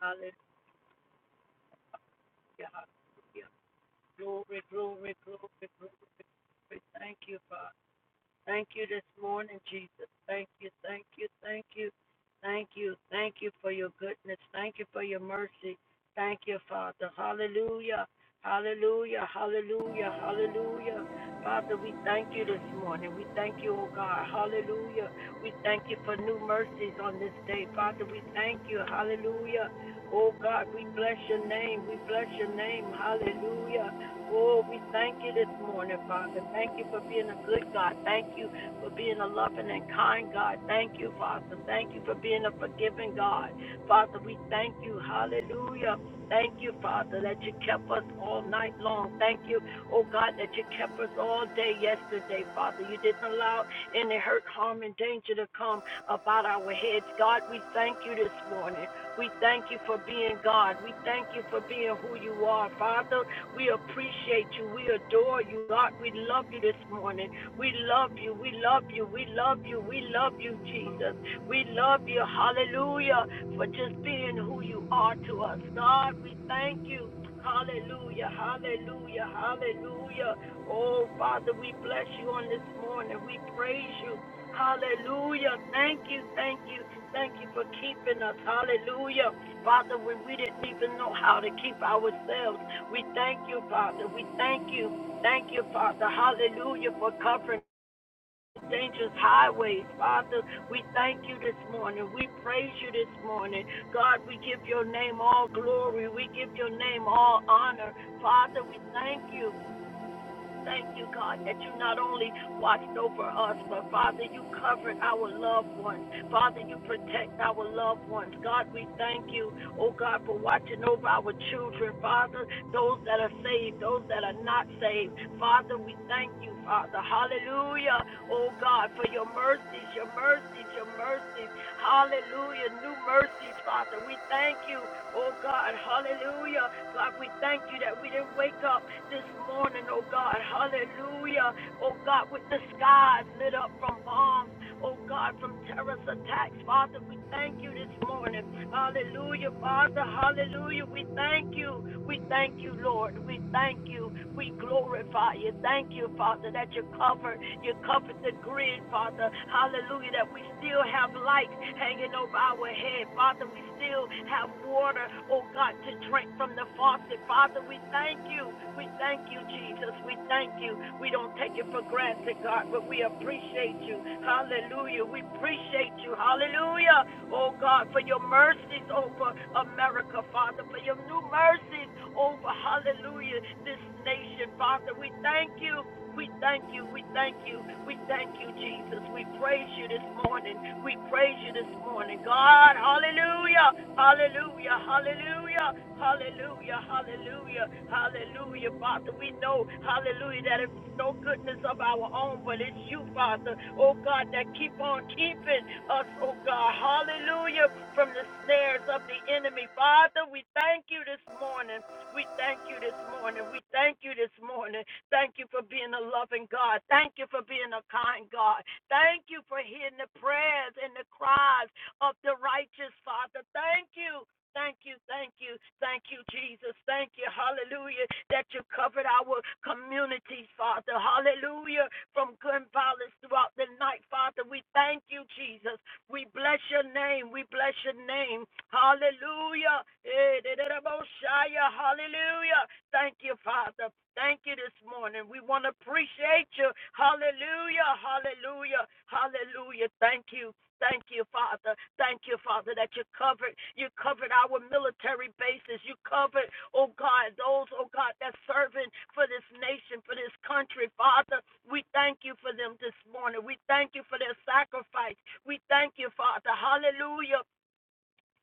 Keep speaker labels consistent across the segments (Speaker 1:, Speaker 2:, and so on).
Speaker 1: Hallelujah. Hallelujah. Glory, glory, glory, glory. Thank you, Father. Thank you this morning, Jesus. Thank you, thank you, thank you, thank you, thank you for your goodness. Thank you for your mercy. Thank you, Father. Hallelujah. Hallelujah. Hallelujah. Hallelujah. Father, we thank you this morning. We thank you, oh God. Hallelujah. We thank you for new mercies on this day. Father, we thank you. Hallelujah. Oh God, we bless your name. We bless your name. Hallelujah. Oh, we thank you this morning, Father. Thank you for being a good God. Thank you for being a loving and kind God. Thank you, Father. Thank you for being a forgiving God. Father, we thank you. Hallelujah. Thank you, Father, that you kept us all night long. Thank you, oh God, that you kept us all day yesterday, Father. You didn't allow any hurt, harm, and danger to come about our heads. God, we thank you this morning. We thank you for being God. We thank you for being who you are, Father. We appreciate you. We adore you, God. We love you this morning. We love you. We love you. We love you. We love you, Jesus. We love you. Hallelujah. For just being who you are to us, God. We thank you. Hallelujah. Hallelujah. Hallelujah. Oh, Father, we bless you on this morning. We praise you. Hallelujah. Thank you, thank you, thank you for keeping us. Hallelujah. Father, when we didn't even know how to keep ourselves, we thank you, Father. We thank you, thank you, Father. Hallelujah for covering dangerous highways, Father. We thank you this morning. We praise you this morning. God, we give your name all glory. We give your name all honor. Father, we thank you. Thank you, God, that you not only watched over us, but Father, you covered our loved ones. Father, you protect our loved ones. God, we thank you, oh God, for watching over our children, Father, those that are saved, those that are not saved. Father, we thank you, Father. Hallelujah, oh God, for your mercies, your mercies, your mercies. Hallelujah. New mercies, Father. We thank you, oh God. Hallelujah. God, we thank you that we didn't wake up this morning, oh God. Hallelujah. Oh God, with the skies lit up from bombs, oh God, from terrorist attacks, Father. We thank you this morning. Hallelujah, Father. Hallelujah. We thank you. We thank you, Lord. We thank you. We glorify you. Thank you, Father, that you covered, you covered the grid, Father. Hallelujah, that we still have light hanging over our head. Father, we still have water, oh God, to drink from the faucet. Father, we thank you. We thank you, Jesus. Jesus. We thank you. We don't take it for granted, God, but we appreciate you. Hallelujah. We appreciate you. Hallelujah. Oh, God, for your mercies over America, Father, for your new mercies over, hallelujah, this nation, Father. We thank you. We thank you. We thank you. We thank you, Jesus. We praise you this morning. We praise you this morning. God, hallelujah. Hallelujah. Hallelujah. Hallelujah. Hallelujah. Hallelujah. Father, we know, hallelujah, that it's no goodness of our own, but it's you, Father. Oh God, that keep on keeping us, oh God. Hallelujah. From the snares of the enemy. Father, we thank you this morning. We thank you this morning. We thank you this morning. Thank you for being a loving God. Thank you for being a kind God. Thank you for hearing the prayers and the cries of the righteous, Father. Thank you. Thank you, thank you, thank you, Jesus. Thank you, hallelujah, that you covered our communities, Father. Hallelujah, from gun violence throughout the night, Father. We thank you, Jesus. We bless your name. We bless your name. Hallelujah. Eh, da, da, da, Mosiah. Hallelujah. Thank you, Father. Thank you this morning. We want to appreciate you. Hallelujah. Hallelujah. Hallelujah. Thank you. Thank you, Father. Thank you, Father, that you covered. You covered our military bases. You covered, oh God, those, oh God, that's serving for this nation, for this country, Father. We thank you for them this morning. We thank you for their sacrifice. We thank you, Father. Hallelujah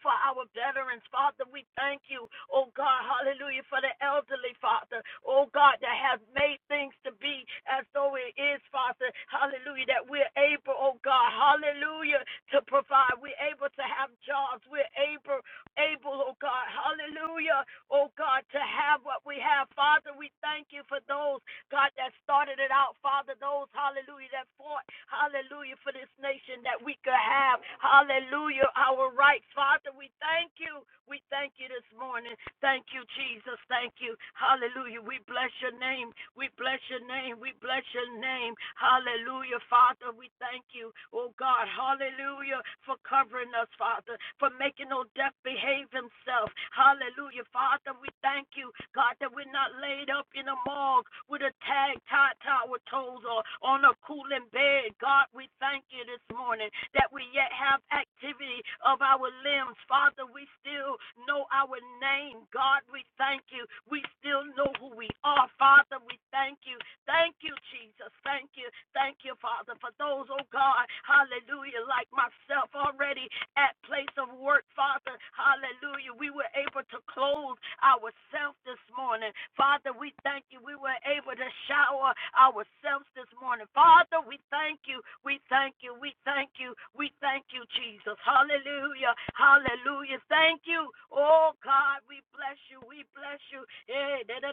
Speaker 1: for our veterans, Father. We thank you, oh God, hallelujah, for the elderly, Father, oh God, that has made things to be as though it is, Father, hallelujah, that we're able, oh God, hallelujah, to provide. We're able to have jobs. We're able, able, oh God, hallelujah, oh God, to have what we have, Father. We thank you for those. God, that started it out, Father, those, hallelujah, that fought, hallelujah, for this nation that we could have, hallelujah, our rights. Father, we thank you. We thank you this morning. Thank you, Jesus. Thank you. Hallelujah. We bless your name. We bless your name. We bless your name. Hallelujah, Father. We thank you, oh God. Hallelujah, for covering us, Father for making no death behave himself. Hallelujah. Father, we thank you, God, that we're not laid up in a morgue with a tag tied to our toes or on a cooling bed. God, we thank you this morning that we yet have activity of our limbs. Father, we still know our name. God, we thank you. We still know who we are. Father, we thank you Thank you, Jesus. Thank you. Thank you, Father, for those, oh God, hallelujah, like myself already at place of work, Father, hallelujah. We were able to clothe ourselves this morning. Father, we thank you. We were able to shower ourselves this morning. Father, we thank you. We thank you. We thank you. We thank you, Jesus. Hallelujah. Hallelujah. Thank you. Oh God, we bless you. We bless you. Eh, da, da,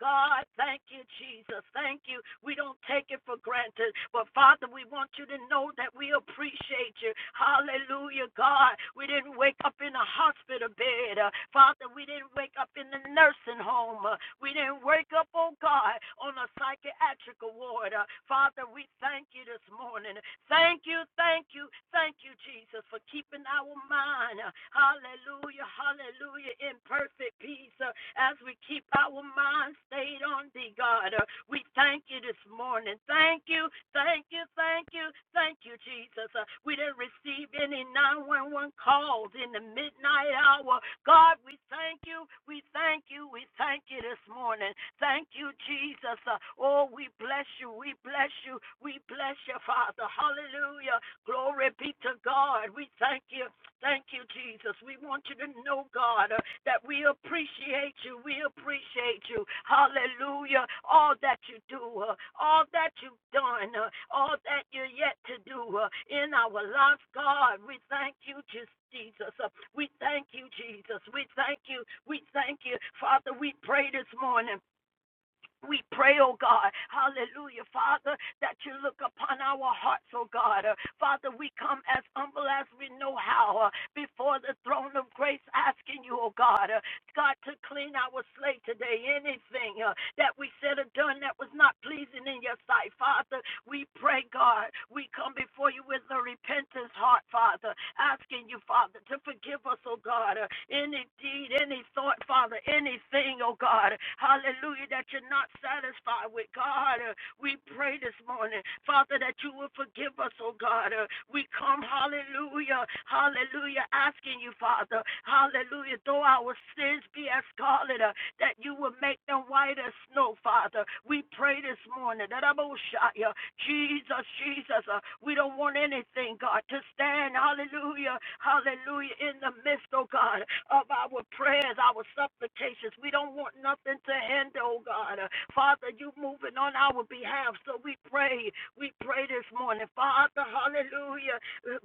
Speaker 1: God, thank you, Jesus. Thank you. We don't take it for granted. But Father, we want you to know that we appreciate you. Hallelujah, God. We didn't wake up in a hospital bed. Uh, Father, we didn't wake up in the nursing home. Uh, we didn't wake up, oh God, on a psychiatric ward. Uh, Father, we thank you this morning. Thank you, thank you, thank you, Jesus, for keeping our mind. Uh, Hallelujah, hallelujah hallelujah, in perfect peace uh, as we keep our minds stayed on thee, God. Uh, we thank you this morning. Thank you, thank you, thank you, thank you, Jesus. Uh, we didn't receive any 911 calls in the midnight hour. God, we thank you, we thank you, we thank you this morning. Thank you, Jesus. Uh, oh, we bless you, we bless you, we bless you, Father. Hallelujah. Glory be to God. We thank you Thank you, Jesus. We want you to know, God, uh, that we appreciate you. We appreciate you. Hallelujah. All that you do, uh, all that you've done, uh, all that you're yet to do uh, in our lives, God. We thank you, Jesus. Uh, We thank you, Jesus. We thank you. We thank you. Father, we pray this morning. We pray, oh God, hallelujah, Father, that you look upon our hearts, oh God. Uh, Father, we come as humble as we know how uh, before the throne of grace, asking you, oh God, uh, God, to clean our slate today. Anything uh, that we said or done that was not pleasing in your sight, Father, we pray, God, we come before you with a repentance heart, Father, asking you, Father, to forgive us, oh God, uh, any deed, any thought, Father. Father, anything, oh God, hallelujah, that you're not satisfied with, God, uh, we pray this morning, Father, that you will forgive us, oh God. Uh, we come, hallelujah, hallelujah, asking you, Father, hallelujah, though our sins be as scarlet, uh, that you will make them white as snow, Father. We pray this morning that I'm Oshaya. Jesus, Jesus, uh, we don't want anything, God, to stand, hallelujah, hallelujah, in the midst, oh God, of our prayers, our supplications. We don't want nothing to hinder, oh God. Uh, Father, you moving on our behalf, so we pray, we pray this morning, Father, hallelujah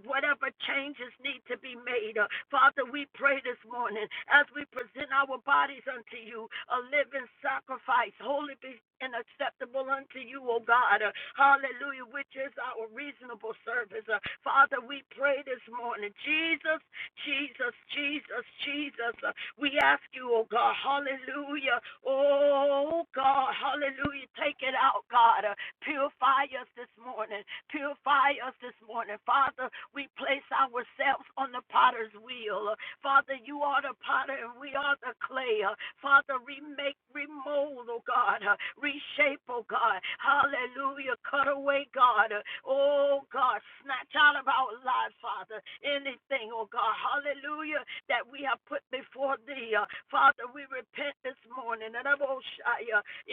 Speaker 1: whatever changes need to be made. Uh, Father, we pray this morning as we present our bodies unto you, a living sacrifice, holy be- and acceptable unto you, O God. Uh, hallelujah, which is our reasonable service. Uh, Father, we pray this morning, Jesus, Jesus, Jesus, Jesus. Uh, we ask you, oh God, hallelujah. Oh God, hallelujah. Take it out, God. Uh, Purify us this morning. Purify us this morning. Father, we place ourselves on the potter's wheel. Father, you are the potter and we are the clay. Father, remake, remold, oh God. Reshape, oh God. Hallelujah. Cut away, God. Oh God, snatch out of our lives, Father. Father, anything, oh God, hallelujah, that we have put before thee. Uh, Father, we repent this morning. And I'm gonna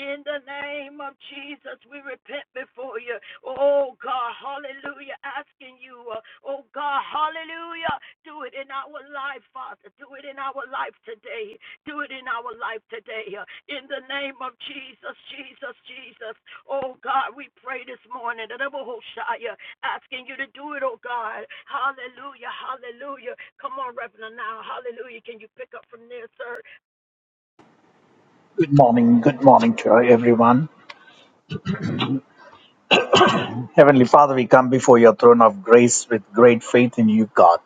Speaker 1: In the name of Jesus, we repent before you. Oh God, hallelujah, asking you, uh, oh God, hallelujah, do it in our life, Father. Do it in our life today. Do it in our life today. uh, In the name of Jesus, Jesus, Jesus. Oh God, we pray this morning. The devil will shy, uh, Asking you to do it, oh God. Hallelujah, hallelujah. Come on, Reverend, now. Hallelujah. Can you pick up from there, sir?
Speaker 2: Good morning, good morning to everyone. Heavenly Father, we come before your throne of grace with great faith in you, God.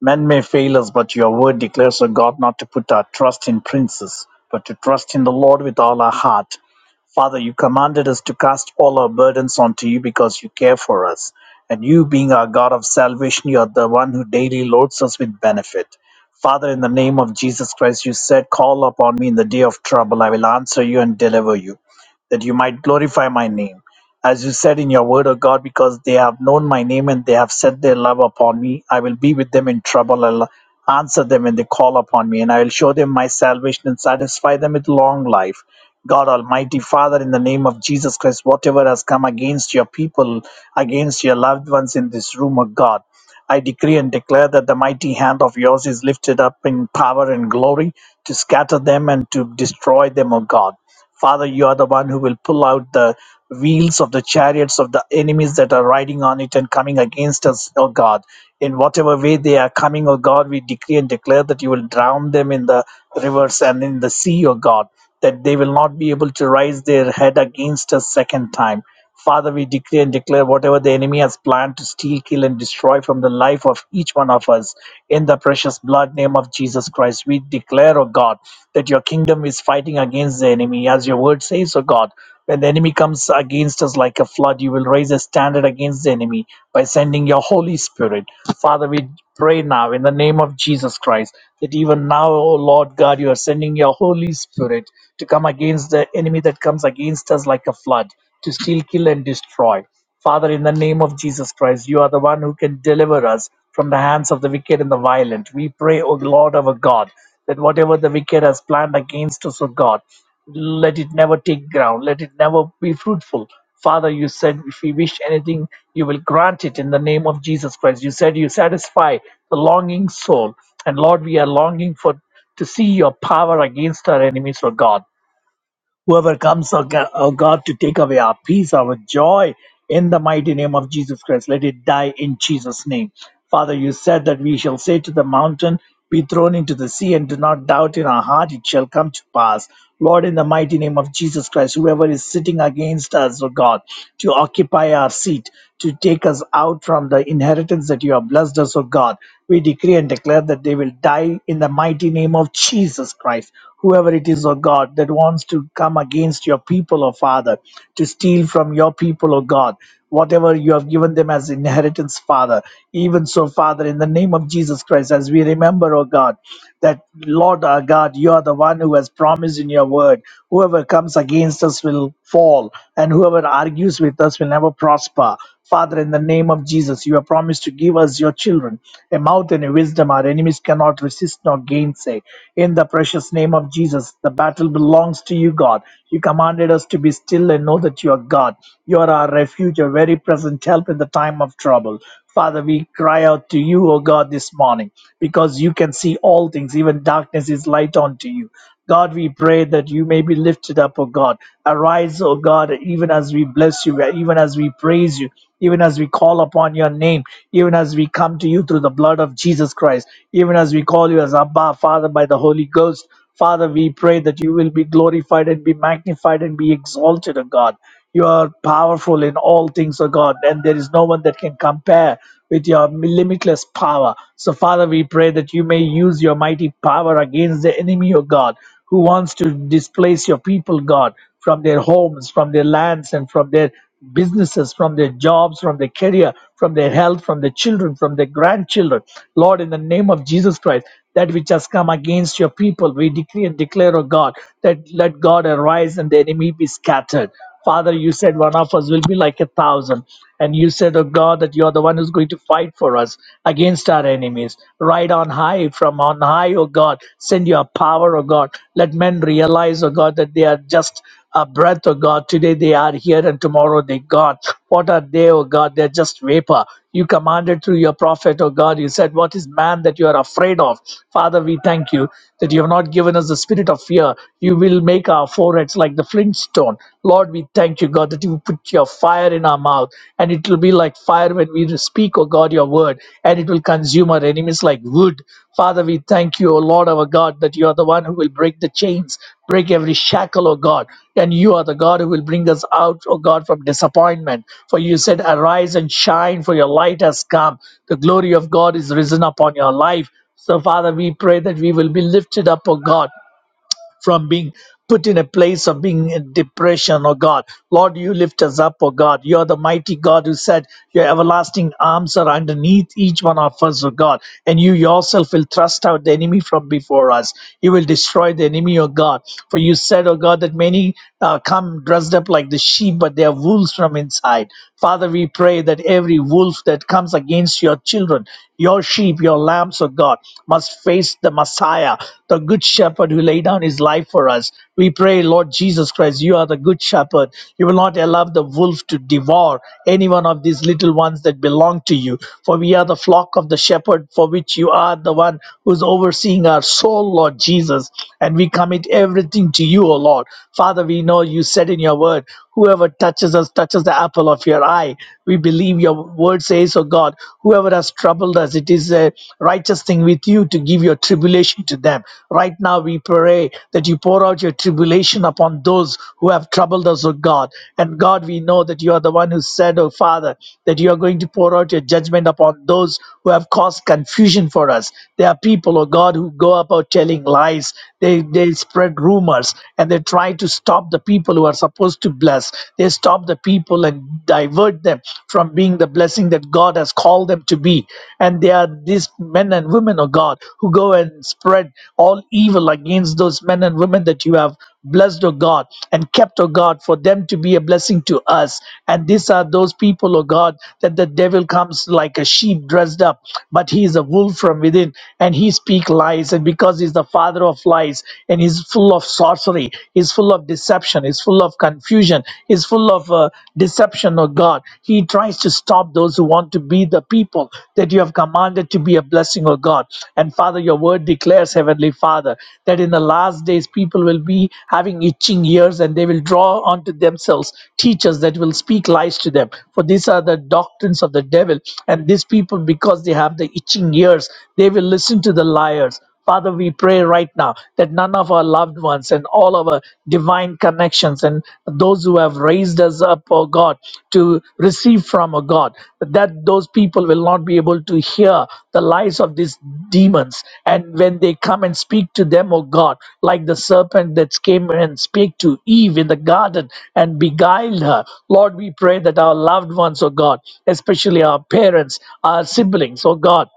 Speaker 2: Men may fail us, but your word declares, O God, not to put our trust in princes, but to trust in the Lord with all our heart. Father, you commanded us to cast all our burdens onto you because you care for us. And you, being our God of salvation, you are the one who daily loads us with benefit. Father, in the name of Jesus Christ, you said, Call upon me in the day of trouble. I will answer you and deliver you, that you might glorify my name as you said in your word, O God, because they have known my name and they have set their love upon me. I will be with them in trouble. I'll answer them when they call upon me, and I will show them my salvation and satisfy them with long life. God Almighty Father, in the name of Jesus Christ, whatever has come against your people, against your loved ones in this room, O God. I decree and declare that the mighty hand of yours is lifted up in power and glory to scatter them and to destroy them, O God. Father, you are the one who will pull out the wheels of the chariots of the enemies that are riding on it and coming against us, O God. In whatever way they are coming, O God, we decree and declare that you will drown them in the rivers and in the sea, O God, that they will not be able to raise their head against us second time. Father, we decree and declare whatever the enemy has planned to steal, kill, and destroy from the life of each one of us. In the precious blood name of Jesus Christ, we declare, O God, that your kingdom is fighting against the enemy. As your word says, O God, when the enemy comes against us like a flood, you will raise a standard against the enemy by sending your Holy Spirit. Father, we pray now in the name of Jesus Christ that even now, O Lord God, you are sending your Holy Spirit to come against the enemy that comes against us like a flood to steal, kill, and destroy. Father, in the name of Jesus Christ, you are the one who can deliver us from the hands of the wicked and the violent. We pray, O Lord our God, that whatever the wicked has planned against us, O God, let it never take ground, let it never be fruitful. Father, you said if we wish anything, you will grant it in the name of Jesus Christ. You said you satisfy the longing soul. And Lord, we are longing for to see your power against our enemies, O God. Whoever comes, O Ga- O God, to take away our peace, our joy, in the mighty name of Jesus Christ, let it die in Jesus' name. Father, you said that we shall say to the mountain, Be thrown into the sea, and do not doubt in our heart, it shall come to pass. Lord, in the mighty name of Jesus Christ, whoever is sitting against us, O God, to occupy our seat to take us out from the inheritance that you have blessed us, O God. We decree and declare that they will die in the mighty name of Jesus Christ. Whoever it is, O God, that wants to come against your people, O Father, to steal from your people, O God, whatever you have given them as inheritance, Father. Even so, Father, in the name of Jesus Christ, as we remember, O God, that Lord our God, you are the one who has promised in your word. Whoever comes against us will fall, and whoever argues with us will never prosper. Father, in the name of Jesus, you have promised to give us your children a mouth and a wisdom our enemies cannot resist nor gainsay. In the precious name of Jesus, the battle belongs to you, God. You commanded us to be still and know that you are God. You are our refuge, a very present help in the time of trouble. Father, we cry out to you, O God, this morning, because you can see all things, even darkness is light unto you. God, we pray that you may be lifted up, O God. Arise, O God, even as we bless you, even as we praise you, even as we call upon your name, even as we come to you through the blood of Jesus Christ, even as we call you as Abba, Father, by the Holy Ghost. Father, we pray that you will be glorified and be magnified and be exalted, O God. You are powerful in all things, O God, and there is no one that can compare with your limitless power. So, Father, we pray that you may use your mighty power against the enemy, O God, who wants to displace your people, God, from their homes, from their lands, and from their businesses, from their jobs, from their career, from their health, from their children, from their grandchildren. Lord, in the name of Jesus Christ, that which has come against your people, we decree and declare, O God, that let God arise and the enemy be scattered. Father, you said one of us will be like a thousand. And you said, Oh God, that you are the one who's going to fight for us against our enemies. Right on high, from on high, oh God, send your power, oh God. Let men realize, oh God, that they are just a breath, oh God. Today they are here and tomorrow they gone. What are they, O God? They're just vapor. You commanded through your prophet, O God. You said, What is man that you are afraid of? Father, we thank you that you have not given us the spirit of fear. You will make our foreheads like the flintstone. Lord, we thank you, God, that you put your fire in our mouth, and it will be like fire when we speak, O God, your word, and it will consume consume our enemies like wood. Father, we thank you, O Lord our God, that you are the one who will break the chains, break every shackle, O God. And you are the God who will bring us out, O God, from disappointment. For you said, Arise and shine, for your light has come. The glory of God is risen upon your life. So, Father, we pray that we will be lifted up, O God, from being put in a place of being in depression, oh God. Lord, you lift us up, oh God. You are the mighty God who said your everlasting arms are underneath each one of us, oh God. And you yourself will thrust out the enemy from before us. You will destroy the enemy, oh God. For you said, oh God, that many uh, come dressed up like the sheep, but they are wolves from inside. Father, we pray that every wolf that comes against your children, your sheep, your lambs, O God, must face the Messiah, the good shepherd who laid down his life for us. We pray, Lord Jesus Christ, you are the good shepherd. You will not allow the wolf to devour any one of these little ones that belong to you. For we are the flock of the shepherd, for which you are the one who's overseeing our soul, Lord Jesus. And we commit everything to you, O Lord. Father, we know you said in your word, whoever touches us touches the apple of your eye. We believe believe your word says, oh God, whoever has troubled us, it is a righteous thing with you to give your tribulation to them. Right now, we pray that you pour out your tribulation upon those who have troubled us, oh God. And God, we know that you are the one who said, oh Father, that you are going to pour out your judgment upon those who have caused confusion for us. There are people, oh God, who go about telling lies, they, they spread rumors, and they try to stop the people who are supposed to bless. They stop the people and divert them from being the blessing that God has called them to be. And they are these men and women of God who go and spread all evil against those men and women that you have blessed, O God, and kept, O God, for them to be a blessing to us. And these are those people, O God, that the devil comes like a sheep dressed up, but he is a wolf from within, and he speak lies, and because he's the father of lies, and he's full of sorcery fleshly, is full of deception, is full of confusion, is full of uh, deception of God. He tries to stop those who want to be the people that you have commanded to be a blessing of God. And Father, your word declares, Heavenly Father, that in the last days people will be having itching ears and they will draw unto themselves teachers that will speak lies to them. For these are the doctrines of the devil. And these people, because they have the itching ears, they will listen to the liars Father, we pray right now that none of our loved ones and all of our divine connections and those who have raised us up, oh God, to receive from, oh God, that those people will not be able to hear the lies of these demons. And when they come and speak to them, oh God, like the serpent that came and spake to Eve in the garden and beguiled her, Lord, we pray that our loved ones, oh God, especially our parents, our siblings, oh God,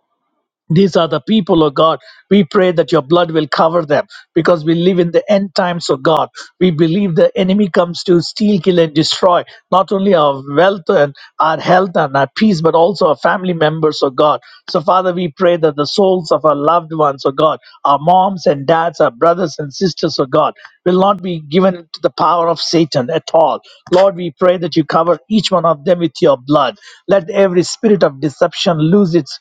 Speaker 2: these are the people, oh God. We pray that your blood will cover them because we live in the end times, oh God. We believe the enemy comes to steal, kill, and destroy not only our wealth and our health and our peace, but also our family members, oh God. So, Father, we pray that the souls of our loved ones, oh God, our moms and dads, our brothers and sisters, oh God, will not be given to the power of Satan at all. Lord, we pray that you cover each one of them with your blood. Let every spirit of deception lose its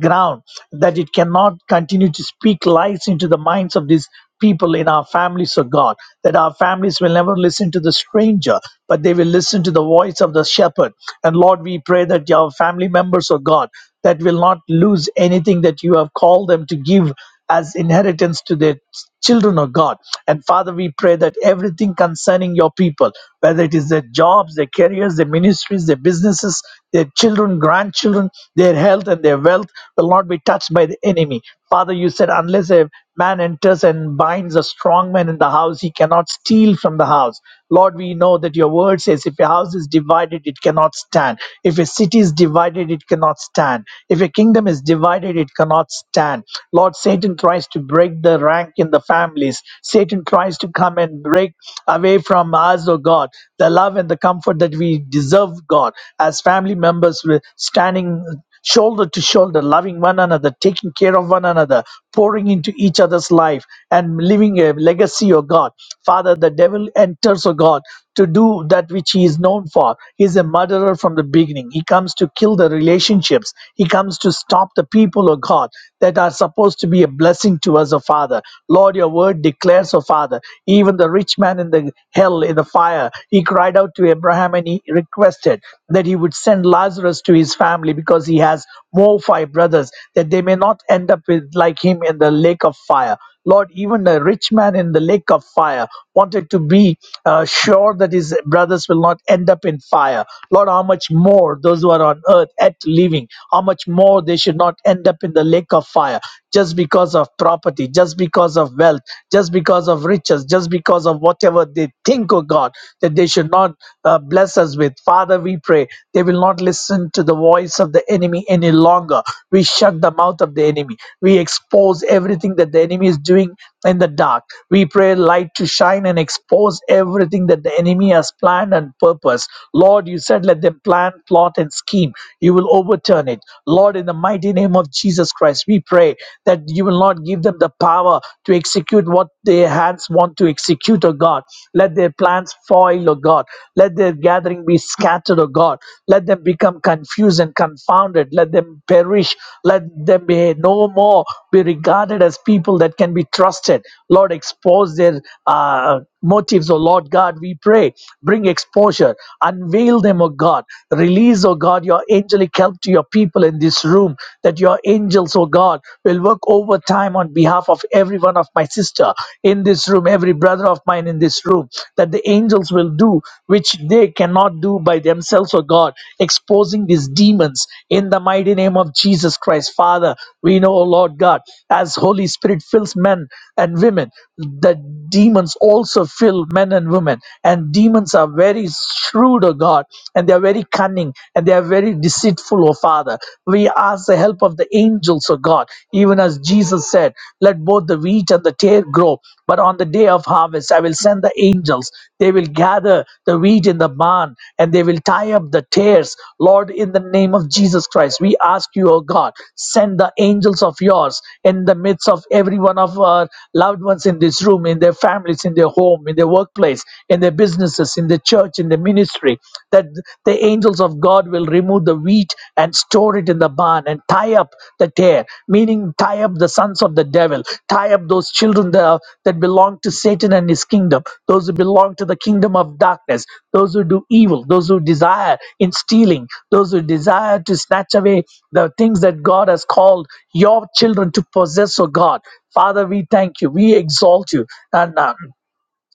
Speaker 2: ground that it cannot continue to speak lies into the minds of these people in our families of God, that our families will never listen to the stranger, but they will listen to the voice of the shepherd. And Lord, we pray that your family members of God that will not lose anything that you have called them to give as inheritance to their children of God. And Father, we pray that everything concerning your people, whether it is their jobs, their careers, their ministries, their businesses, their children, grandchildren, their health, and their wealth, will not be touched by the enemy. Father, you said, unless a Man enters and binds a strong man in the house, he cannot steal from the house. Lord, we know that your word says, if a house is divided, it cannot stand. If a city is divided, it cannot stand. If a kingdom is divided, it cannot stand. Lord, Satan tries to break the rank in the families. Satan tries to come and break away from us, oh God, the love and the comfort that we deserve, God, as family members, we're standing shoulder to shoulder, loving one another, taking care of one another, pouring into each other's life and leaving a legacy, oh God. Father, the devil enters, oh God, to do that which he is known for. He's a murderer from the beginning. He comes to kill the relationships. He comes to stop the people, oh God, that are supposed to be a blessing to us, oh Father. Lord, your word declares, oh Father, even the rich man in the hell, in the fire, he cried out to Abraham and he requested that he would send Lazarus to his family because because he has more five brothers, that they may not end up with, like him in the lake of fire. Lord, even the rich man in the lake of fire wanted to be uh, sure that his brothers will not end up in fire. Lord, how much more those who are on earth at living, how much more they should not end up in the lake of fire just because of property, just because of wealth, just because of riches, just because of whatever they think, oh God, that they should not uh, bless bless us with. Father, we pray they will not listen to the voice of the enemy any longer. We shut the mouth of the enemy. We expose everything that the enemy is doing in the dark. We pray light to shine and expose everything that the enemy has planned and purposed. Lord, you said, let them plan, plot, and scheme. You will overturn it. Lord, in the mighty name of Jesus Christ, we pray that you will not give them the power to execute what their hands want to execute, O God. Let their plans foil, O God. Let their gathering be scattered, O God. Let them become confused and confounded. Let them perish. Let them be no more be regarded as people that can be trusted. Lord, expose their uh, motives, oh Lord God, we pray. Bring exposure, unveil them, oh God. Release, oh God, your angelic help to your people in this room, that your angels, oh God, will work overtime on behalf of every one of my sister in this room, every brother of mine in this room, that the angels will do which they cannot do by themselves, oh God, exposing these demons in the mighty name of Jesus Christ. Father, we know, oh Lord God, as Holy Spirit fills men and women, the demons also also fill men and women. And demons are very shrewd, O God, and they are very cunning and they are very deceitful, O Father. We ask the help of the angels, O God, even as Jesus said, Let both the wheat and the tare grow, but on the day of harvest I will send the angels. They will gather the wheat in the barn and they will tie up the tares. Lord, in the name of Jesus Christ, we ask you, O God, send the angels of yours in the midst of every one of our loved ones in this room, in their families, in their home, in their workplace, in their businesses, in the church, in the ministry, that the angels of God will remove the wheat and store it in the barn Haman and tie up the tear, meaning tie up the sons of the devil, tie up those children that, that belong to Satan and his kingdom, those who belong to the kingdom of darkness, those who do evil, those who desire in stealing, those who desire to snatch away the things that God has called your children to possess, oh God. Father, we thank you. We exalt you. And uh,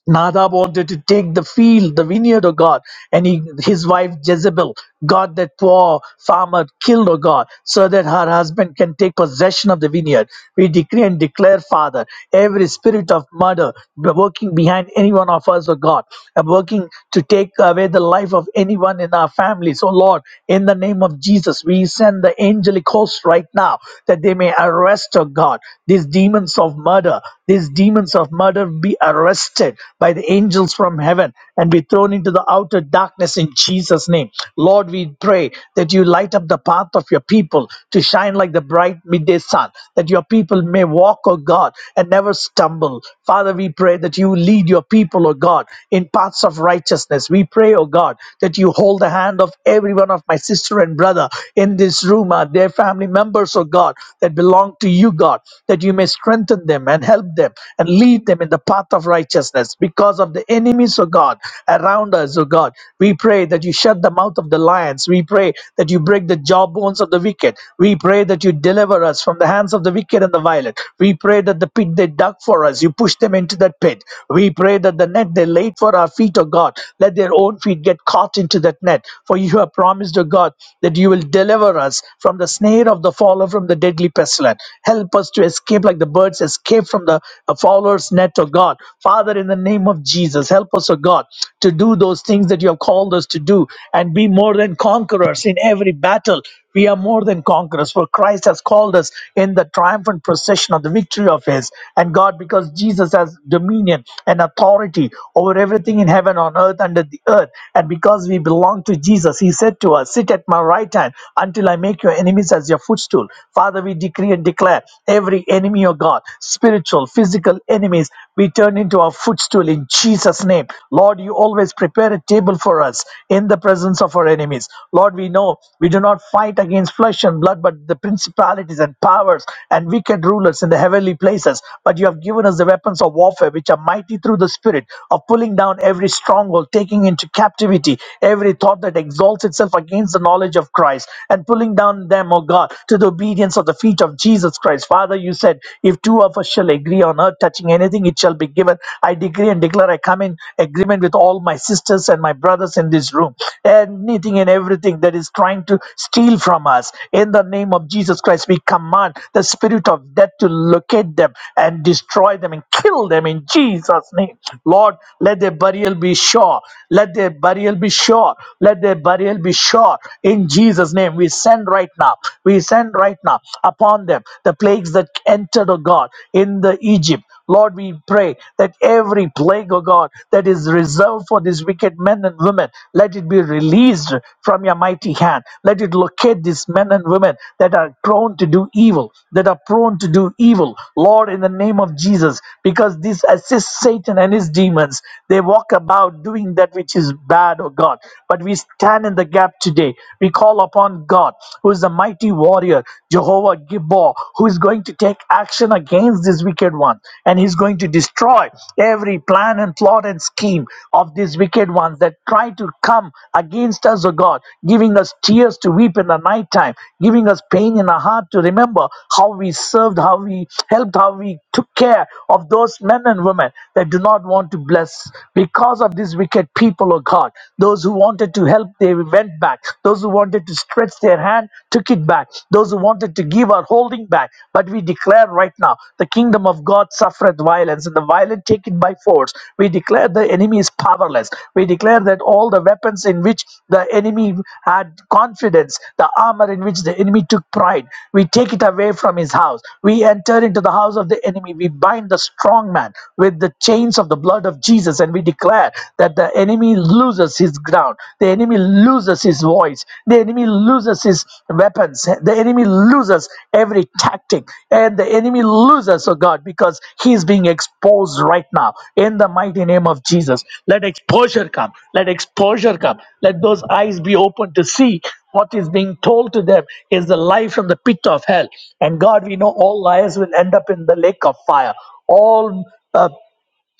Speaker 2: Nadab wanted to take the field, the vineyard, of God, and he, his wife Jezebel got that poor farmer killed, oh God, so that her husband can take possession of the vineyard. We decree and declare, Father, every spirit of murder be- working behind any one of us, oh God, and working to take away the life of anyone in our families, oh Lord, in the name of Jesus, we send the angelic host right now that they may arrest, oh God, these demons of murder, these demons of of murder be arrested by the angels from heaven and be thrown into the outer darkness in Jesus' name. Lord, we pray that you light up the path of your people to shine like the bright midday sun, that your people may walk, O God, and never stumble. Father, we pray that you lead your people, O God, in paths of righteousness. We pray, O God, that you hold the hand of every one of my sister and brother in this room, uh, their family members, O God, that belong to you, God, that you may strengthen them strengthen them and help them and lead them in the path of righteousness because of the enemies of God around us, O God. We pray that you shut the mouth of the lions. We pray that you break the jawbones of the wicked. We pray that you deliver us from the hands of the wicked and the violent. We pray that the pit they dug for us, you push them into that pit. We pray that the net they laid for our feet, O God, let their own feet get caught into that net. For you have promised, O God, that you will deliver us from the snare of the follower, from the deadly pestilence. Help Help us to escape like the birds escape from the uh, fowler's net, oh God. Father, in the name of Jesus, help us, oh God, to do those things that you have called us to do and be more than conquerors in every battle. We are more than conquerors, for Christ has called us in the triumphant procession of the victory of His. And God, because Jesus has dominion and authority over everything in heaven, on earth, under the earth, and because we belong to Jesus, He said to us, Sit at my right hand until I make your enemies as your footstool. Father, we decree and declare every enemy, oh God, spiritual, physical enemies, we turn into our footstool in Jesus' name. Lord, you always prepare a table for us in the presence of our enemies. Lord, we know we do not fight against flesh and blood, but the principalities and powers and wicked rulers in the heavenly places. But you have given us the weapons of warfare, which are mighty through the Spirit, of pulling down every stronghold, taking into captivity every thought that exalts itself against the knowledge of Christ, and pulling pulling down them, O God, to the obedience of the feet of Jesus Christ. Father, you said, if two of us shall agree on earth touching anything, it shall be given. I decree and declare I come in agreement with all my sisters and my brothers in this room. Anything and everything that is trying to steal from us, in the name of Jesus Christ, we command the spirit of death to locate them and destroy them and kill them in Jesus' name. Lord, let their burial be sure. Let their burial be sure. Let their burial be sure. God. In Jesus' name, we send right now, we send right now upon them the plagues that entered, oh God, in the Egypt. Lord, we pray that every plague, oh God, that is reserved for these wicked men and women, let it be released from your mighty hand. Let it locate these men and women that are prone to do evil, that are prone to do evil. Lord, in the name of Jesus, because this assists Satan and his demons, they walk about doing that which is bad, oh God. But we stand in the gap today. We call upon God, who is the mighty warrior, Jehovah Gibbor, who is going to take action against this wicked one. And he's going to destroy every plan and plot and scheme of these wicked ones that try to come against us, O God, giving us tears to weep in the nighttime, giving us pain in our heart to remember how we served, how we helped, how we took care of those men and women that do not want to bless because of these wicked people, of God. Those who wanted to help, they went back. Those who wanted to stretch their hand, took it back. Those who wanted to give are holding back. But we declare right now, the kingdom of God suffereth violence, and the violent take it by force. We declare the enemy is powerless. We declare that all the weapons in which the enemy had confidence, the armor in which the enemy took pride, we take it away from his house. We enter into the house of the enemy. We bind the strong man with the chains of the blood of Jesus. Jesus and we declare that the enemy loses his ground, the enemy loses his voice, the enemy loses his weapons, the enemy loses every tactic, and the enemy loses, oh God, because he is being exposed right now in the mighty name of Jesus. Let exposure come, let exposure come, let those eyes be open to see what is being told to them is the lie from the pit of hell. And God, we know all liars will end up in the lake of fire. All uh,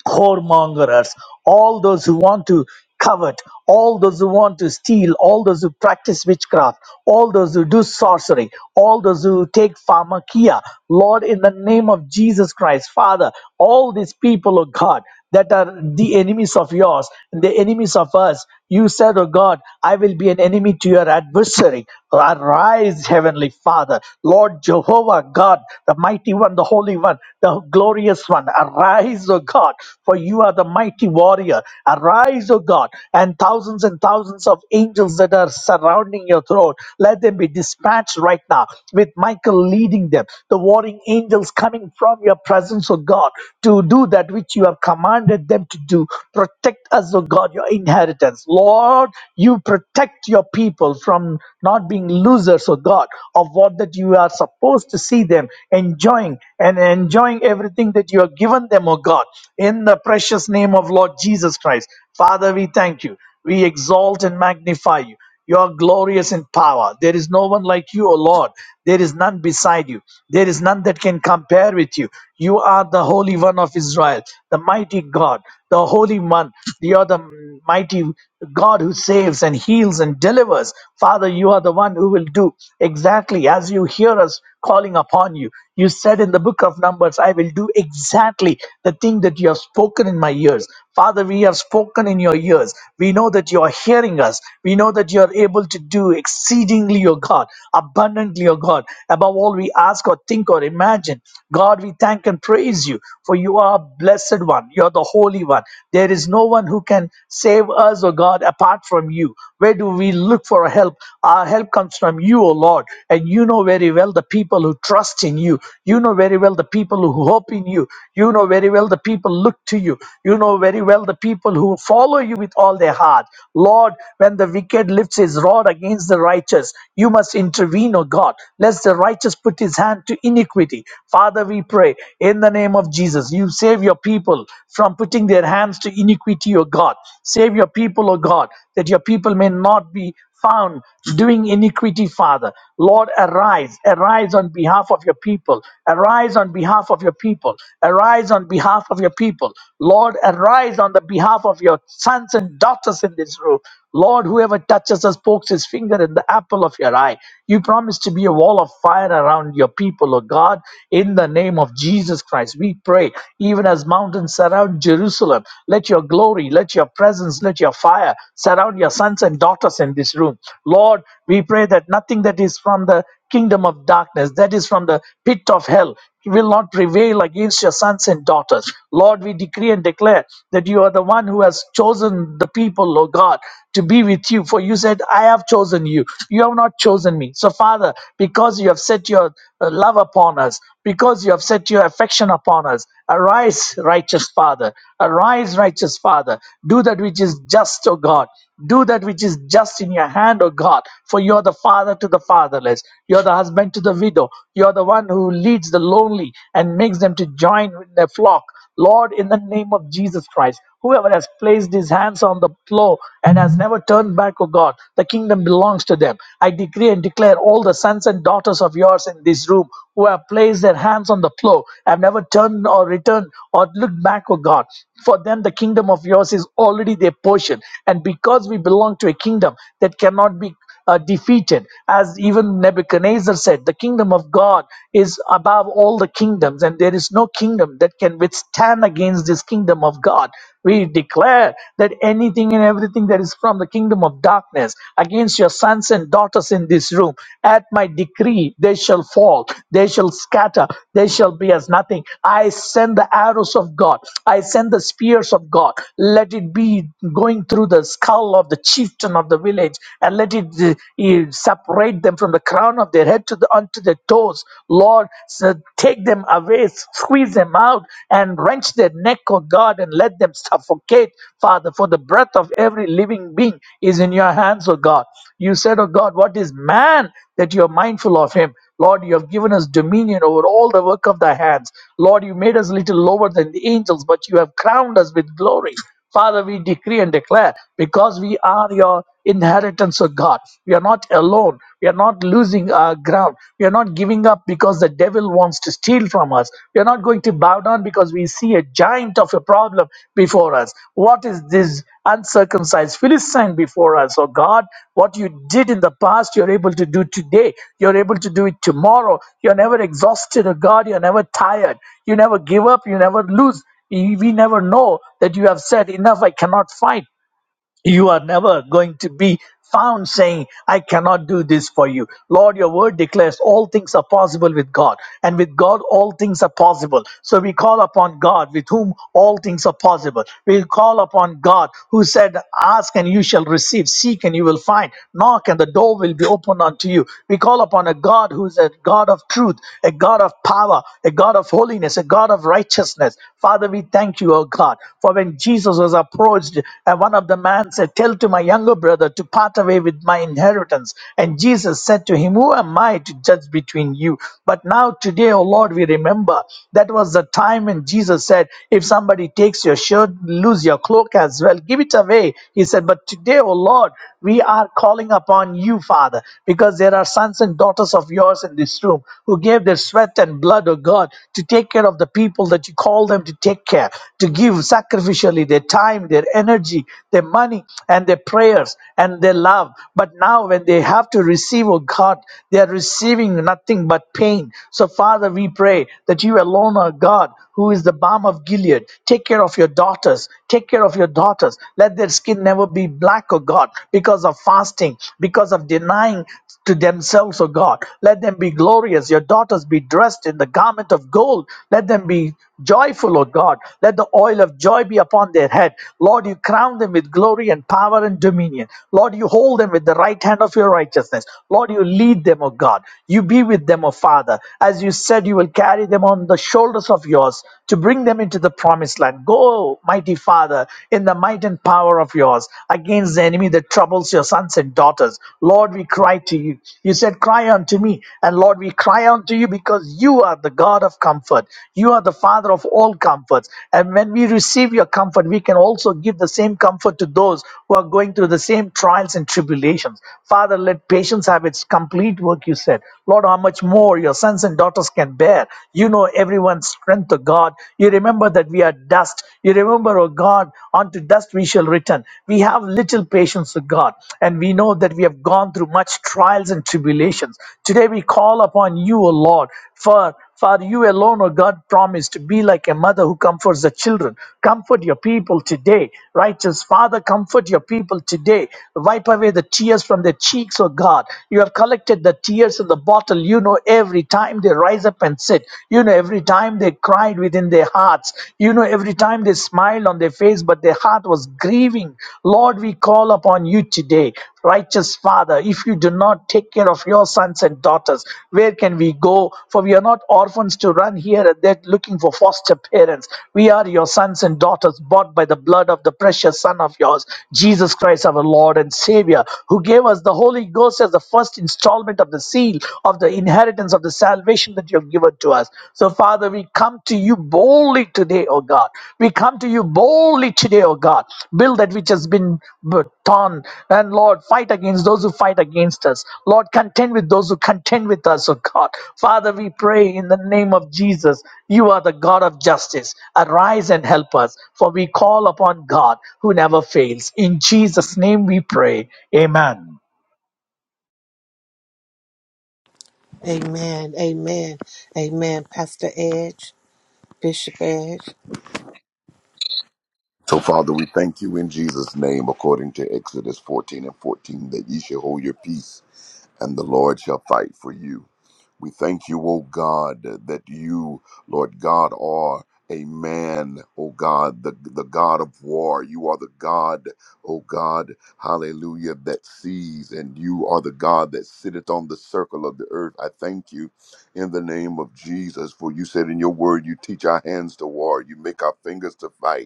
Speaker 2: whoremongers, all those who want to covet, all those who want to steal, all those who practice witchcraft, all those who do sorcery, all those who take pharmakia. Lord, in the name of Jesus Christ, Father, all these people, oh God, that are the enemies of yours, and the enemies of us. You said, Oh God, I will be an enemy to your adversary. Arise, Heavenly Father, Lord Jehovah God, the mighty one, the holy one, the glorious one. Arise, O God, for you are the mighty warrior. Arise, O God, and thousands and thousands of angels that are surrounding your throne, let them be dispatched right now with Michael leading them, the warring angels coming from your presence presence, O God, to do that which you have commanded them to do. Protect us, O God, your inheritance. Lord, you protect your people from not being losers, O God, of what that you are supposed to see them enjoying and enjoying everything that you have given them, O God, in the precious name of Lord Jesus Christ. Father, we thank you. We exalt and magnify you. You are glorious in power. There is no one like you, O Lord. There is none beside you. There is none that can compare with you. You are the Holy One of Israel, the mighty God, the Holy One. You are the mighty God who saves and heals and delivers. Father, you are the one who will do exactly as you hear us calling upon you. You said in the book of Numbers, I will do exactly the thing that you have spoken in my ears. Father, we have spoken in your ears. We know know that you are hearing us. We know that you are able to do exceedingly, O God, abundantly, O God, above all we ask or think or imagine. God, we thank and praise you, for you are a blessed one. You are the Holy One. There is no one who can save us, O God, apart from you. Where do we look for help? Our help comes from you, O Lord. And you know very well the people who trust in you. You know very well the people who hope in you. You know very well the people look to you. You know very well the people people who follow you with all their heart. Lord, when the wicked lifts his rod against the righteous, you must intervene, O God, lest the righteous put his hand to iniquity. Father, we pray in the name of Jesus, you save your people from putting their hands to iniquity, O God. Save your people, O God, that your people may not be found doing iniquity, Father. Lord, arise, arise on behalf of your people, arise on behalf of your people, arise on behalf of your people. Lord, arise on the behalf of your sons and daughters in this room. Lord, whoever touches us pokes his finger in the apple of your eye. You promise to be a wall of fire around your people, O God, in the name of Jesus Christ. We pray, even as mountains surround Jerusalem, let your glory, let your presence, let your fire surround your sons and daughters us in this room. Lord, we pray that nothing that is from the kingdom of darkness, that is from the pit of hell, will not prevail against your sons and daughters. Lord, we decree and declare that you are the one who has chosen the people, O God, to be with you. For you said, I have chosen you. You have not chosen me. So, Father, because you have set your uh, love upon us, because you have set your affection upon us, arise, righteous Father. Arise, righteous Father. Do that which is just, O God. Do that which is which is just in your hand, O God, for you're the father to the fatherless. You're the husband to the widow. You're the one who leads the lonely and makes them to join with their flock. Lord, in the name of Jesus Christ, whoever has placed his hands on the plow and has never turned back, O God, the kingdom belongs to them. I decree and declare all the sons and daughters of yours in this room who have placed their hands on the plow, have never turned or returned or looked back, O God. For them, the kingdom of yours is already their portion. And because we belong belong to a kingdom that cannot be uh, defeated. As even Nebuchadnezzar said, the kingdom of God is above all the kingdoms, and there is no kingdom that can withstand against this kingdom of God. We declare that anything and everything that is from the kingdom of darkness against your sons and daughters in this room, at my decree, they shall fall, they shall scatter, they shall be as nothing. I send the arrows of God, I send the spears of God. Let it be going through the skull skull of the chieftain of the village and let it uh, eh, separate them from the crown of their head to the unto their toes. Lord, so take them away, squeeze them out, and wrench their neck, O God, and let them suffocate, Father, for the breath of every living being is in your hands, O God. You said, O God, what is man that you are mindful of him? Lord, you have given us dominion over all the work of thy hands. Lord, you made us little lower than the angels, but you have crowned us with glory. Father, we decree and declare because we are your inheritance of God. We are not alone. We are not losing our ground. We are not giving up because the devil wants to steal from us. We are not going to bow down because we see a giant of a problem before us. What is this uncircumcised Philistine before us? Oh God, what you did in the past, you're able to do today. You're able to do it tomorrow. You're never exhausted, oh God. You're never tired. You never give up. You never lose. You- We never know that you have said, Enough, I cannot fight. You are never going to be found saying, I cannot do this for you. Lord, your word declares all things are possible with God, and with God, all things are possible. So we call upon God, with whom all things are possible. We call upon God, who said, Ask and you shall receive, seek and you will find, knock and the door will be opened unto you. We call upon a God who is a God of truth, a God of power, a God of holiness, a God of righteousness. Father, we thank you thank you, O God, for when Jesus was approached, uh, one of the men said, Tell to my younger brother to part away with my inheritance. And Jesus said to him, Who am I to judge between you? But now, today, O Lord, we remember that was the time when Jesus said, If somebody takes your shirt, lose your cloak as well, give it away. He said, But today, O Lord, we are calling upon you, Father, because there are sons and daughters of yours in this room who gave their sweat and blood blood, oh God, to take care of the people that you call them to take care, to give sacrificially their time, their energy, their money, and their prayers and their love. But now, when they have to receive, oh God, they are receiving nothing but pain. So, Father, we pray that you alone are God, who is the balm of Gilead. Take care of your daughters. Take care of your daughters. Let their skin never be black, oh God, because of fasting, because of denying to themselves themselves, O God. Let them be glorious. Your daughters be dressed in the garment of gold. Let them be joyful, O God. Let the oil of joy be upon their head. Lord, you crown them with glory and power and dominion. Lord, you hold them with the right hand of your righteousness. Lord, you lead them, O God. You be with them, O Father. As you said, you will carry them on the shoulders of yours to bring them into the promised land. Go, mighty Father, in the might and power of yours against the enemy enemy that troubles your sons and daughters. Lord, we cry to you. You said, Cry unto me. And Lord, we cry unto you because you are the God of comfort. You are the Father of all comforts. And when we receive your comfort, we can also give the same comfort to those who are going through the same trials and tribulations. Father, let patience have its complete work, you said. Lord, how much more your sons and daughters can bear. You know everyone's strength, O God. You remember that we are dust. You remember remember, O God, unto dust we shall return. We have little patience, O God, and we know that we have gone through much trials and tribulations. Today we call upon you, O Lord, for for you alone, O God, promised to be like a mother who comforts the children. Comfort your people today. Righteous Father, comfort your people today. Wipe away the tears from their cheeks, O God. You have collected the tears in the bottle. You know every time they rise up and sit. You know every every time they cried within their hearts, you know, every time they smiled on their face, but their heart was grieving. Lord, we call upon you today, righteous Father. If you do not take care of your sons and daughters, where can we go? For we are not orphans to run here and there looking for foster parents. We are your sons and daughters, bought by the blood of the precious Son of yours, Jesus Christ, our Lord and Savior, who gave us the Holy Ghost as the first installment of the seed seal of the inheritance of the salvation that you have given to us. So, Father, we come to you boldly today, O God. We come to you boldly today, O God. Build that which has been b- torn. And Lord, fight against those who fight against us. Lord, contend with those who contend with us, O God. Father, we pray in the name of Jesus. You are the God of justice. Arise and help us, for we call upon God who never fails. In Jesus' name we pray. Amen.
Speaker 3: Amen. Amen. Amen. Pastor Edge, Bishop Edge.
Speaker 4: So, Father, we thank you in Jesus' name, according to Exodus 14 and 14, that ye shall hold your peace, and the Lord shall fight for you. We thank you, O God, that you, Lord God, are a man, O God, the, the God of war. You are the God, O God, hallelujah, that sees, and you are the God that sitteth on the circle of the earth. I thank you in the name of Jesus, for you said in your word, you teach our hands to war, you make our fingers to fight.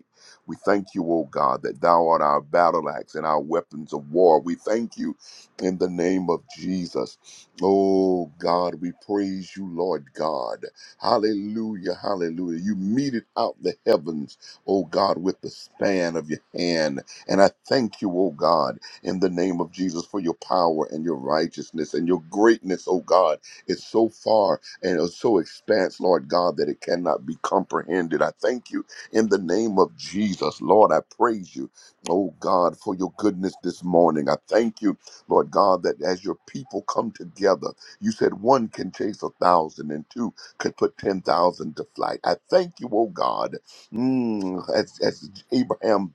Speaker 4: We thank you, O God, that thou art our battle axe and our weapons of war. We thank you in the name of Jesus. Oh God, we praise you, Lord God. Hallelujah, hallelujah. You meted out the heavens, oh God, with the span of your hand. And I thank you, oh God, in the name of Jesus for your power and your righteousness and your greatness, oh God. It's so far and it's so expanse, Lord God, that it cannot be comprehended. I thank you in the name of Jesus. Lord, I praise you, oh God, for your goodness this morning. I thank you, Lord God, that as your people come together, you said one can chase a thousand and two could put 10,000 to flight. I thank you, oh God, mm, as, as Abraham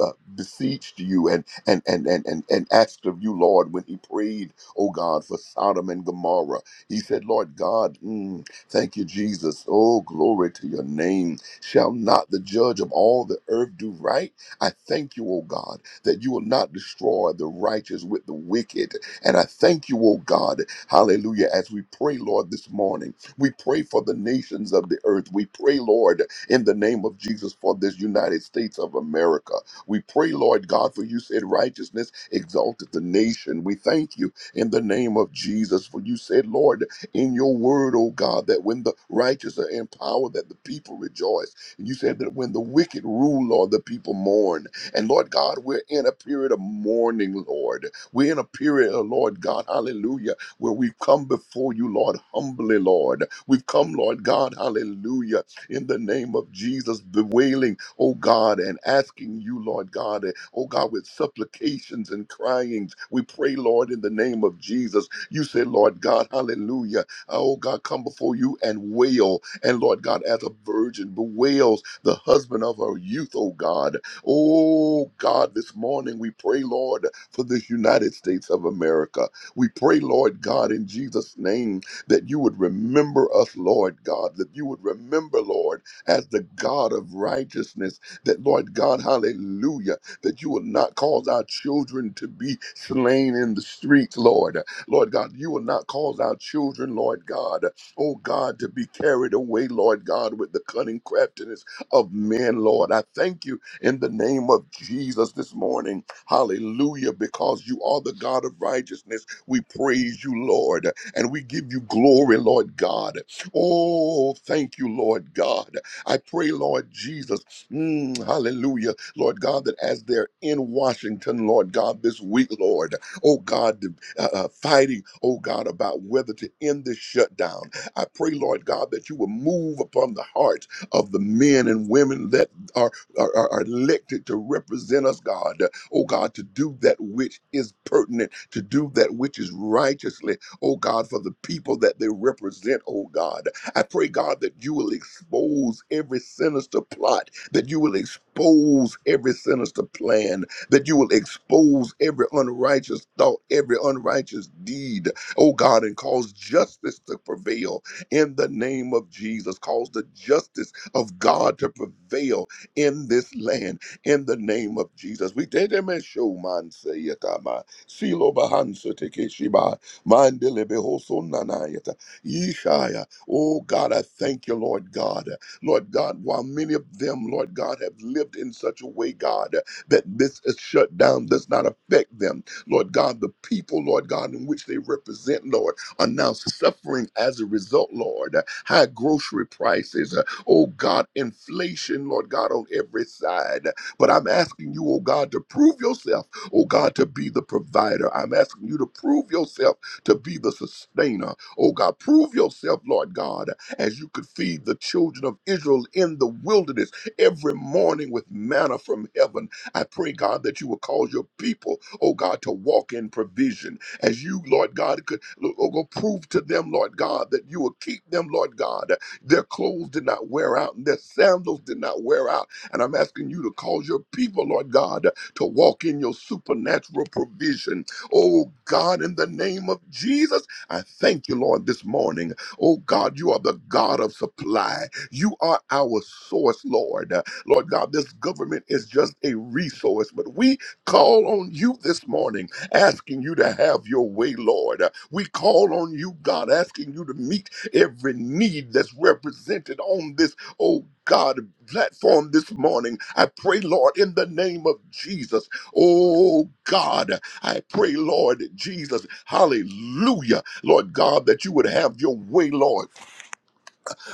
Speaker 4: uh, beseeched you and and and and and and asked of you, Lord, when he prayed, oh God, for Sodom and Gomorrah. He said, Lord God, mm, thank you, Jesus. Oh, glory to your name. Shall not the judge of all the earth do right? I thank you, O God, that you will not destroy the righteous with the wicked. And I thank you, O God, hallelujah, as we pray, Lord, this morning. We pray for the nations of the earth. We pray, Lord, in the name of Jesus for this United States of America. We pray, Lord God, for you said righteousness exalted the nation. We thank you in the name of Jesus for you said, Lord, in your word, O God, that when the righteous are in power, that the people rejoice. And you said that when the wicked rule, Lord, the people mourn. And Lord God, we're in a period of mourning, Lord. We're in a period, oh, Lord God, hallelujah, where we've come before you, Lord, humbly, Lord. We've come, Lord God, hallelujah, in the name of Jesus, bewailing, oh God, and asking you, Lord God, eh, oh God, with supplications and cryings. We pray, Lord, in the name of Jesus. You said, Lord God, hallelujah, uh, oh God, come before you and wail and Lord God, as a virgin bewails the husband of her youth, oh God. Oh God, this morning we pray, Lord, for the United States of America. We pray, Lord God, in Jesus' name, that you would remember us, Lord God, that you would remember, Lord, as the God of righteousness, that, Lord God, hallelujah, that you will not cause our children to be slain in the streets, Lord. Lord God, you will not cause our children, Lord God, oh God, to be carried away, Lord God, with the cunning craftiness of men, Lord. I thank you in the name of Jesus this morning. Hallelujah, because you are the God of righteousness. We praise you, Lord, and we give you glory, Lord God. Oh, thank you, Lord God. I pray, Lord Jesus, mm, hallelujah, Lord God, that as they're in Washington, Lord God, this week, Lord, oh God, the, uh, uh, fighting, oh God, about whether to end this shutdown. I pray, Lord God, that you will move upon the hearts of the men and women that are, are, are elected to represent us, God. Oh, God, to do that which is pertinent, to do that which is righteously, oh, God, for the people that they represent, oh, God. I pray, God, that you will expose every sinister plot, that you will expose every sinister plan, that you will expose every unrighteous thought, every unrighteous deed, oh God, and cause justice to prevail in the name of Jesus. Cause the justice of God to prevail in this land in the name of Jesus. We did him a show, man, say it, ah, man. Silo bahansa teke shiba, mandele behoso nanayata, yeshaya. Oh God, I thank you, Lord God. Lord God, while many of them, Lord God, have lived in such a way, God, that this is shut down does not affect them. Lord God, the people, Lord God, in which they represent, Lord are now suffering as a result, Lord. High grocery prices, uh, oh God, inflation, Lord God, on every side. But I'm asking you, oh God, to prove yourself, oh God, to be the provider. I'm asking you to prove yourself to be the sustainer. Oh God, prove yourself, Lord God, as you could feed the children of Israel in the wilderness every morning with manna from heaven. I pray, God, that you will cause your people, oh God, to walk in provision as you, Lord God, could Lord, oh, go prove to them, Lord God, that you will keep them, Lord God. Their clothes did not wear out, and their sandals did not wear out. And I'm asking you to cause your people, Lord God, to walk in your supernatural provision. Oh God, in the name of Jesus, I thank you, Lord, this morning. Oh God, you are the God of supply. You are our source, Lord. Lord God, this government is just a resource, but we call on you this morning asking you to have your way, Lord. Uh, We call on you, God, asking you to meet every need that's represented on this, oh God, platform this morning. I pray, Lord, in the name of Jesus. Oh God, I pray, Lord Jesus, hallelujah, Lord God, that you would have your way, Lord,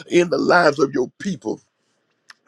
Speaker 4: in the lives of your people.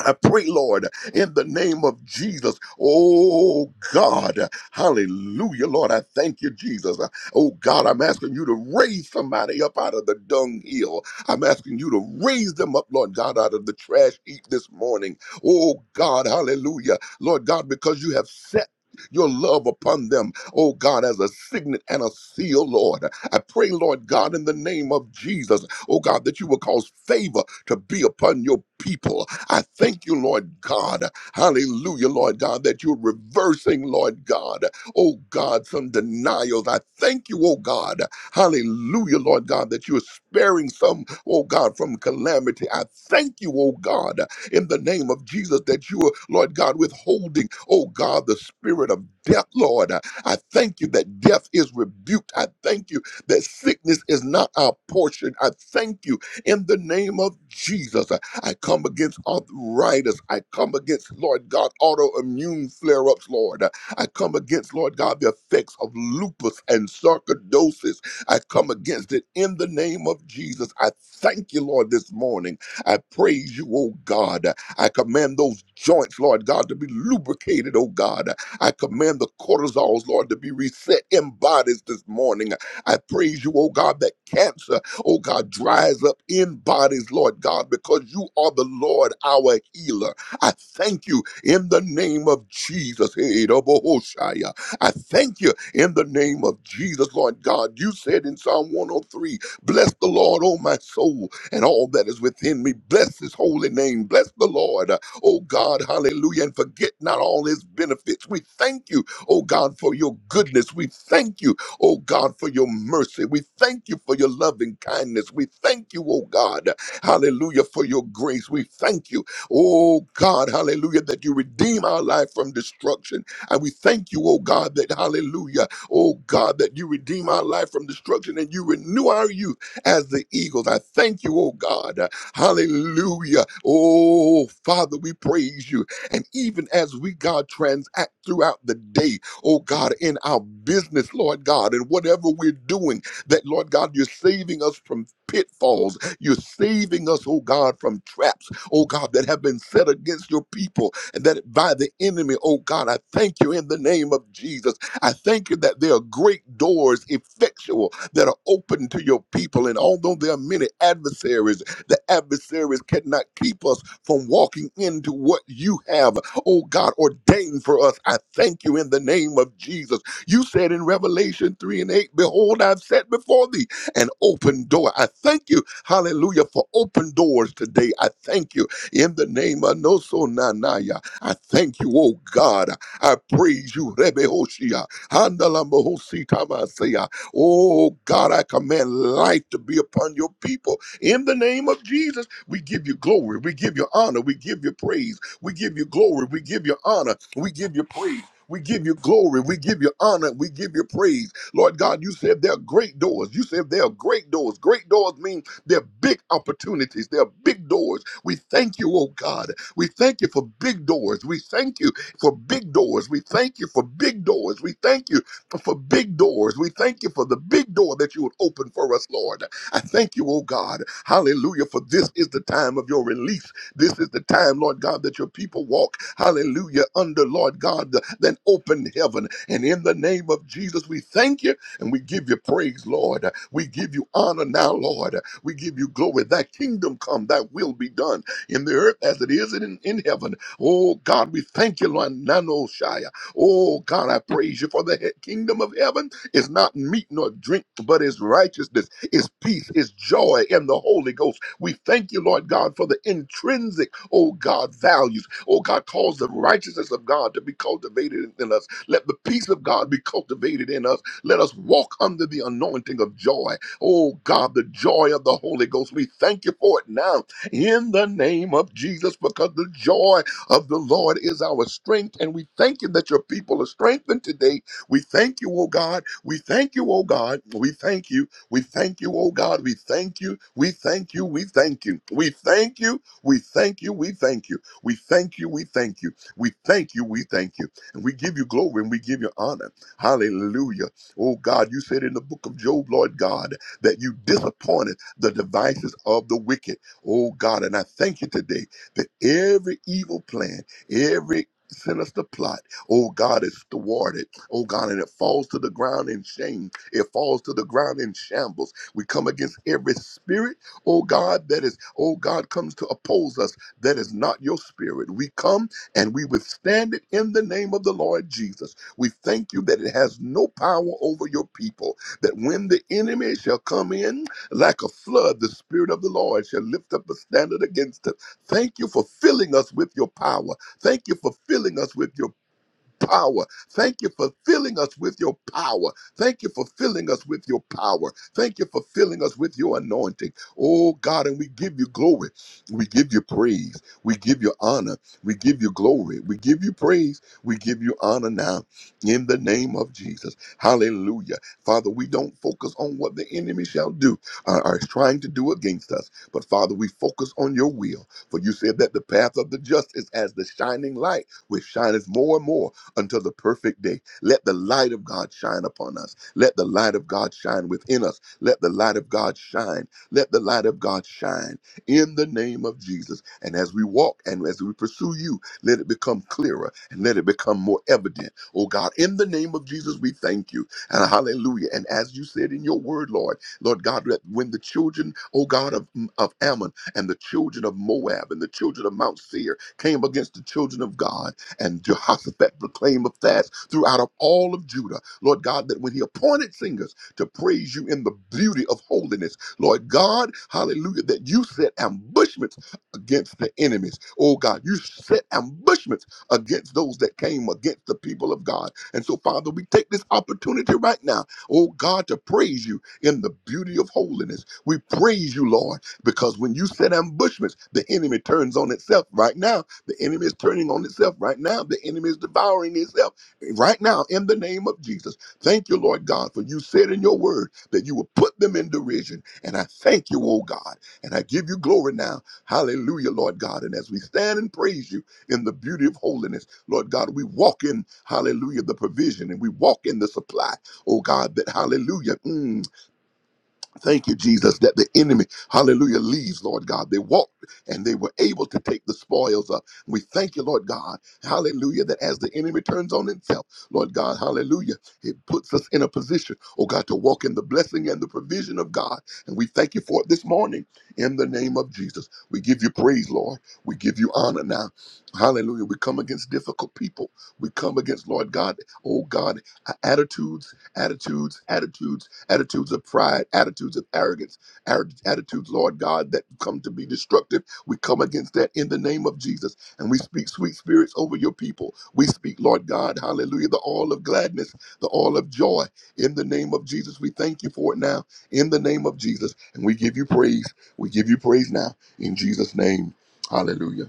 Speaker 4: I pray, Lord, in the name of Jesus. Oh God, hallelujah, Lord. I thank you, Jesus. Oh God, I'm asking you to raise somebody up out of the dunghill. I'm asking you to raise them up, Lord God, out of the trash heap this morning. Oh God, hallelujah, Lord God, because you have set your love upon them, oh God, as a signet and a seal, Lord. I pray, Lord God, in the name of Jesus, oh God, that you will cause favor to be upon your people. I thank you, Lord God. Hallelujah, Lord God, that you're reversing, Lord God. Oh God, some denials. I thank you, oh God. Hallelujah, Lord God, that you're sparing some, oh God, from calamity. I thank you, oh God, in the name of Jesus, that you are, Lord God, withholding, oh God, the spirit of death, Lord. I thank you that death is rebuked. I thank you that sickness is not our portion. I thank you in the name of Jesus I come against arthritis. I come against, Lord God, autoimmune flare ups, Lord. I come against, Lord God, the effects of lupus and sarcoidosis. I come against it in the name of Jesus. I thank you, Lord, this morning. I praise you, oh God. I command those joints, Lord God, to be lubricated, oh God. I command the cortisols, Lord, to be reset in bodies this morning. I praise you, oh God, that cancer oh God, dries up in bodies, Lord God, because you are the Lord, our healer. I thank you in the name of Jesus. Hey, double Hoshaya. I thank you in the name of Jesus, Lord God. You said in Psalm 103, Bless the Lord, oh my soul, and all that is within me. Bless his holy name. Bless the Lord, oh God, hallelujah, and forget not all his benefits. We thank you, oh God, for your goodness. We thank you oh God, for your mercy. We thank you for your loving kindness. We thank you, oh God, hallelujah, for your grace. We thank you, oh God, hallelujah, that you redeem our life from destruction. And we thank you, oh God, that hallelujah, oh God, that you redeem our life from destruction and you renew our youth as the eagles. I thank you, oh God, hallelujah. Oh Father, we praise you. And even as we, God, transact throughout the day, oh God, in our business, Lord God, and whatever we're doing, that Lord God, you're saving us from pitfalls. You're saving us, oh God, from traps, oh God, that have been set against your people and that by the enemy, oh God, I thank you in the name of Jesus. I thank you that there are great doors, effectual, that are open to your people. And although there are many adversaries, the adversaries cannot keep us from walking into what you have oh God, ordained for us. I thank you in the name of Jesus. You said in Revelation 3 and 8, Behold, I've set before thee an open door. I thank you, hallelujah, for open doors today. I thank you in the name of Noso Nanaya. I thank you, oh God. I praise you, Rebe Hoshia. Handalamohosi Tamasea. Oh God, I command light to be upon your people. In the name of Jesus, we give you glory, we give you honor, we give you praise. We give you glory. We give you honor. We give you praise. We give you glory. We give you honor. We give you praise. Lord God, you said there are great doors. You said there are great doors. Great doors mean they're big opportunities. They're big doors. We thank you, oh God. We thank you for big doors. We thank you for big doors. We thank you for big doors. We thank you for big doors. We thank you for the big door that you would open for us, Lord. I thank you, oh God. Hallelujah. For this is the time of your release. This is the time, Lord God, that your people walk, hallelujah, under, Lord God, the, that open heaven. And in the name of Jesus, we thank you and we give you praise, Lord. We give you honor now, Lord. We give you glory. Thy kingdom come, thy will be done in the earth as it is in, in heaven. Oh God, we thank you, Lord. Nano Shia. Oh God, I praise you for the he- kingdom of heaven is not meat nor drink, but is righteousness is peace, is joy in the Holy Ghost. We thank you, Lord God, for the intrinsic, oh God, values. Oh God, cause the righteousness of God to be cultivated in us. Let the peace of God be cultivated in us. Let us walk under the anointing of joy. Oh God, the joy of the Holy Ghost. We thank you for it now in the name of Jesus because the joy of the Lord is our strength. And we thank you that your people are strengthened today. We thank you, oh God. We thank you, oh God. We thank you. We thank you, oh God. We thank you. We thank you. We thank you. We thank you. We thank you. We thank you. We thank you. We thank you. We thank you. We thank you. And we give you glory and we give you honor. Hallelujah. Oh God, you said in the book of Job, Lord God, that you disappointed the devices of the wicked. Oh God, and I thank you today that every evil plan, every sinister plot, oh God, is thwarted. Oh God, and it falls to the ground in shame it falls to the ground in shambles. We come against every spirit, oh God, that is, oh God, comes to oppose us. That is not your spirit. We come and we withstand it in the name of the Lord Jesus. We thank you that it has no power over your people. That when the enemy shall come in like a flood, the spirit of the Lord shall lift up a standard against us. Thank you for filling us with your power. Thank you for filling us with your power. Thank you for filling us with your power. Thank you for filling us with your power. Thank you for filling us with your anointing. Oh God, and we give you glory. We give you praise. We give you honor. We give you glory. We give you praise. We give you honor now in the name of Jesus. Hallelujah. Father, we don't focus on what the enemy shall do uh, or is trying to do against us, but Father, we focus on your will. For you said that the path of the just is as the shining light, which shineth more and more until the perfect day. Let the light of God shine upon us. Let the light of God shine within us. Let the light of God shine. Let the light of God shine in the name of Jesus. And as we walk and as we pursue you, let it become clearer and let it become more evident. Oh God, in the name of Jesus, we thank you. And hallelujah. And as you said in your word, Lord, Lord God, let when the children, oh God, of, of Ammon and the children of Moab and the children of Mount Seir came against the children of God. And Jehoshaphat proclaimed a fast throughout of all of Judah. Lord God, that when he appointed singers to praise you in the beauty of holiness, Lord God, hallelujah, that you set ambushments against the enemies. Oh God, you set ambushments against those that came against the people of God. And so, Father, we take this opportunity right now, oh God, to praise you in the beauty of holiness. We praise you, Lord, because when you set ambushments, the enemy turns on itself right now the enemy is turning on itself right now. The enemy is devouring itself right now in the name of Jesus. Thank you, Lord God, for you said in your word that you will put them in derision. And I thank you, oh God, and I give you glory now. Hallelujah, Lord God. And as we stand and praise you in the beauty of holiness, Lord God, we walk in, hallelujah, the provision and we walk in the supply, oh God, that hallelujah. mm, Thank you, Jesus, that the enemy, hallelujah, leaves, Lord God. They walked and they were able to take the spoils up. We thank you, Lord God, hallelujah, that as the enemy turns on himself, Lord God, hallelujah, it puts us in a position, oh God, to walk in the blessing and the provision of God. And we thank you for it this morning in the name of Jesus. We give you praise, Lord. We give you honor now. Hallelujah. We come against difficult people. We come against, Lord God, oh God, attitudes, attitudes, attitudes attitudes of pride, attitudes of arrogance, ar- attitudes, Lord God, that come to be destructive. We come against that in the name of Jesus, and we speak sweet spirits over your people. We speak, Lord God, hallelujah, the all of gladness, the all of joy in the name of Jesus. We thank you for it now in the name of Jesus, and we give you praise. We give you praise now in Jesus' name. Hallelujah.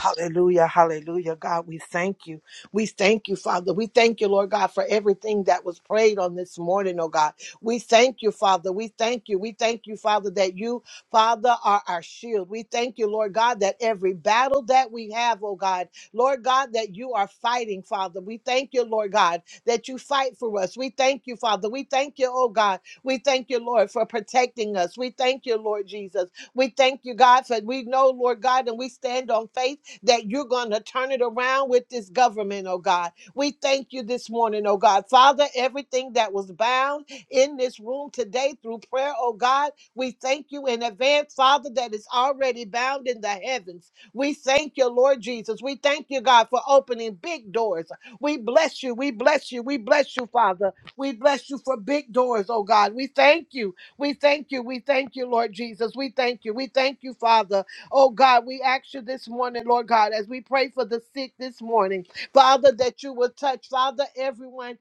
Speaker 3: Hallelujah, hallelujah. God, we thank you. We thank you, Father. We thank you, Lord God, for everything that was prayed on this morning, oh God. We thank you, Father. We thank you. We thank you, Father, that you, Father, are our shield. We thank you, Lord God, that every battle that we have, oh God, Lord God, that you are fighting, Father. We thank you, Lord God, that you fight for us. We thank you, Father. We thank you, oh God. We thank you, Lord, for protecting us. We thank you, Lord Jesus. We thank you, God, for we know, Lord God, and we stand on faith that you're going to turn it around with this government, oh God. We thank you this morning, oh God. Father, everything that was bound in this room today through prayer, oh God, we thank you in advance, Father, that is already bound in the heavens. We thank you, Lord Jesus. We thank you, God, for opening big doors. We bless you. We bless you. We bless you, Father. We bless you for big doors, oh God. We thank you. We thank you. We thank you, Lord Jesus. We thank you. We thank you, Father. Oh God, we ask you this morning, Lord God, as we pray for the sick this morning, Father, that you will touch, Father, everyone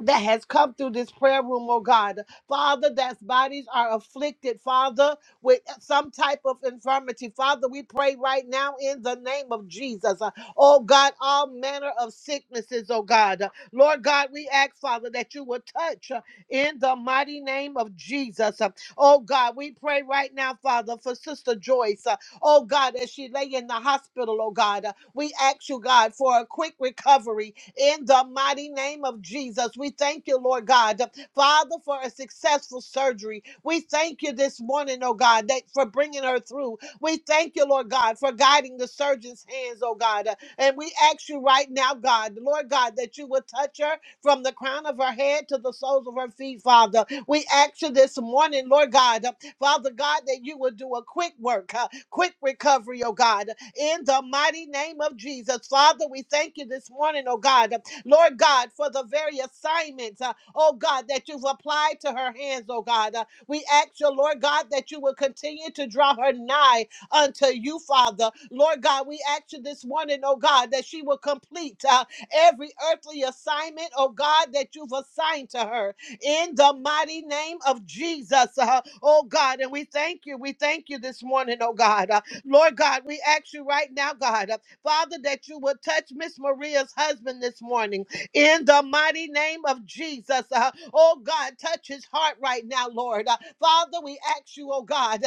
Speaker 3: that has come through this prayer room, oh God. Father, That bodies are afflicted, Father, with some type of infirmity. Father, we pray right now in the name of Jesus. Uh, Oh God, all manner of sicknesses, oh God. Uh, Lord God, we ask, Father, that you would touch uh, in the mighty name of Jesus. Uh, Oh God, we pray right now, Father, for Sister Joyce. Uh, Oh God, as she lay in the hospital, oh God, uh, we ask you, God, for a quick recovery in the mighty name of Jesus. We thank you, Lord God, Father, for a successful surgery. We thank you this morning, oh God, that for bringing her through. We thank you, Lord God, for guiding the surgeon's hands, oh God. And we ask you right now, God, Lord God, that you would touch her from the crown of her head to the soles of her feet, Father. We ask you this morning, Lord God, Father God, that you would do a quick work, uh, quick recovery, oh God in the mighty name of Jesus. Father, we thank you this morning, oh God. Lord God, for the very assignments, uh, oh God, that you've applied to her hands, oh God. Uh, we ask you, Lord God, that you will continue to draw her nigh unto you, Father. Lord God, we ask you this morning, oh God, that she will complete uh, every earthly assignment, oh God, that you've assigned to her in the mighty name of Jesus, uh, oh God. And we thank you, we thank you this morning, oh God. Uh, Lord God, we ask you right now, God, uh, Father, that you would touch Miss Maria's husband this morning in the mighty name of Jesus. Uh, oh God, touch his heart right now, Lord. Uh, Father, we ask you, oh God,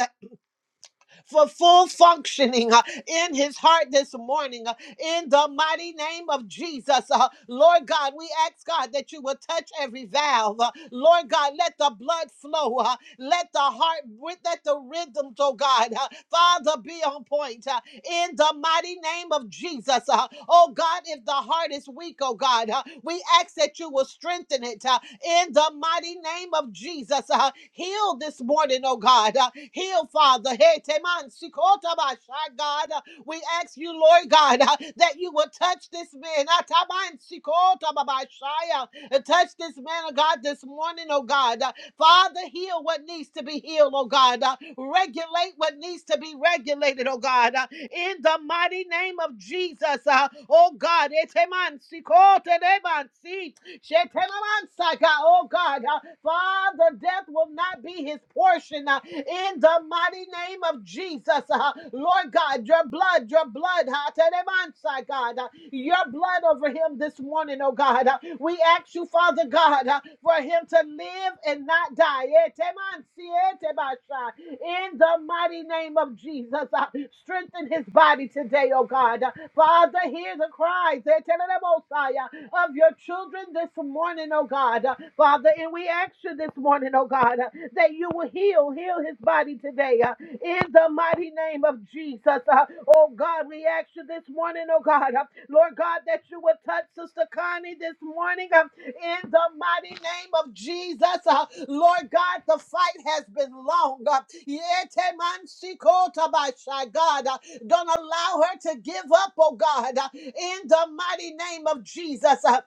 Speaker 3: for full functioning uh, in his heart this morning uh, in the mighty name of Jesus. uh, Lord God, we ask God that you will touch every valve. uh, Lord God, let the blood flow. uh, Let the heart, let the rhythms, oh God, uh, Father, be on point uh, in the mighty name of Jesus. uh, Oh God, if the heart is weak, oh God, uh, we ask that you will strengthen it. uh, in the mighty name of Jesus. Uh, heal this morning, oh God. Uh, heal, Father. Hey, Teman, Sikotabasha, God. Uh, we ask you, Lord God, uh, that you will touch this man. Uh, Taman, Sikotababashaya, uh, Touch this man, oh God, this morning, oh God. Uh, Father, heal what needs to be healed, oh God. Uh, regulate what needs to be regulated, oh God. Uh, in the mighty name of Jesus, uh, oh God. Eteman, Sikoteneman, Shetelamansa, God. Oh God, uh, Father, death will not be his portion uh, in the mighty name of Jesus. uh, Lord God, your blood, your blood, uh, Shetelamansa, God, uh, your blood over him this morning, oh God. Uh, We ask you, Father God, uh, for him to live and not die. Etemansi, etebasha, In the mighty name of Jesus of Jesus. Uh, strengthen his body today, oh God. Uh, Father, hear the cries eh, telemosiah, of your children this morning, oh God. Uh, Father, and we ask you this morning, oh God, uh, that you will heal, heal his body today. uh, in the mighty name of Jesus, uh, oh God, we ask you this morning, oh God, uh, Lord God, that you would touch Sister Connie this morning. Uh, in the mighty name of Jesus. Uh, Lord God, the fight has been long. Uh, Yete man siko tabasha. God, uh, don't allow her to give up, oh God, uh, in the mighty name of Jesus. Uh,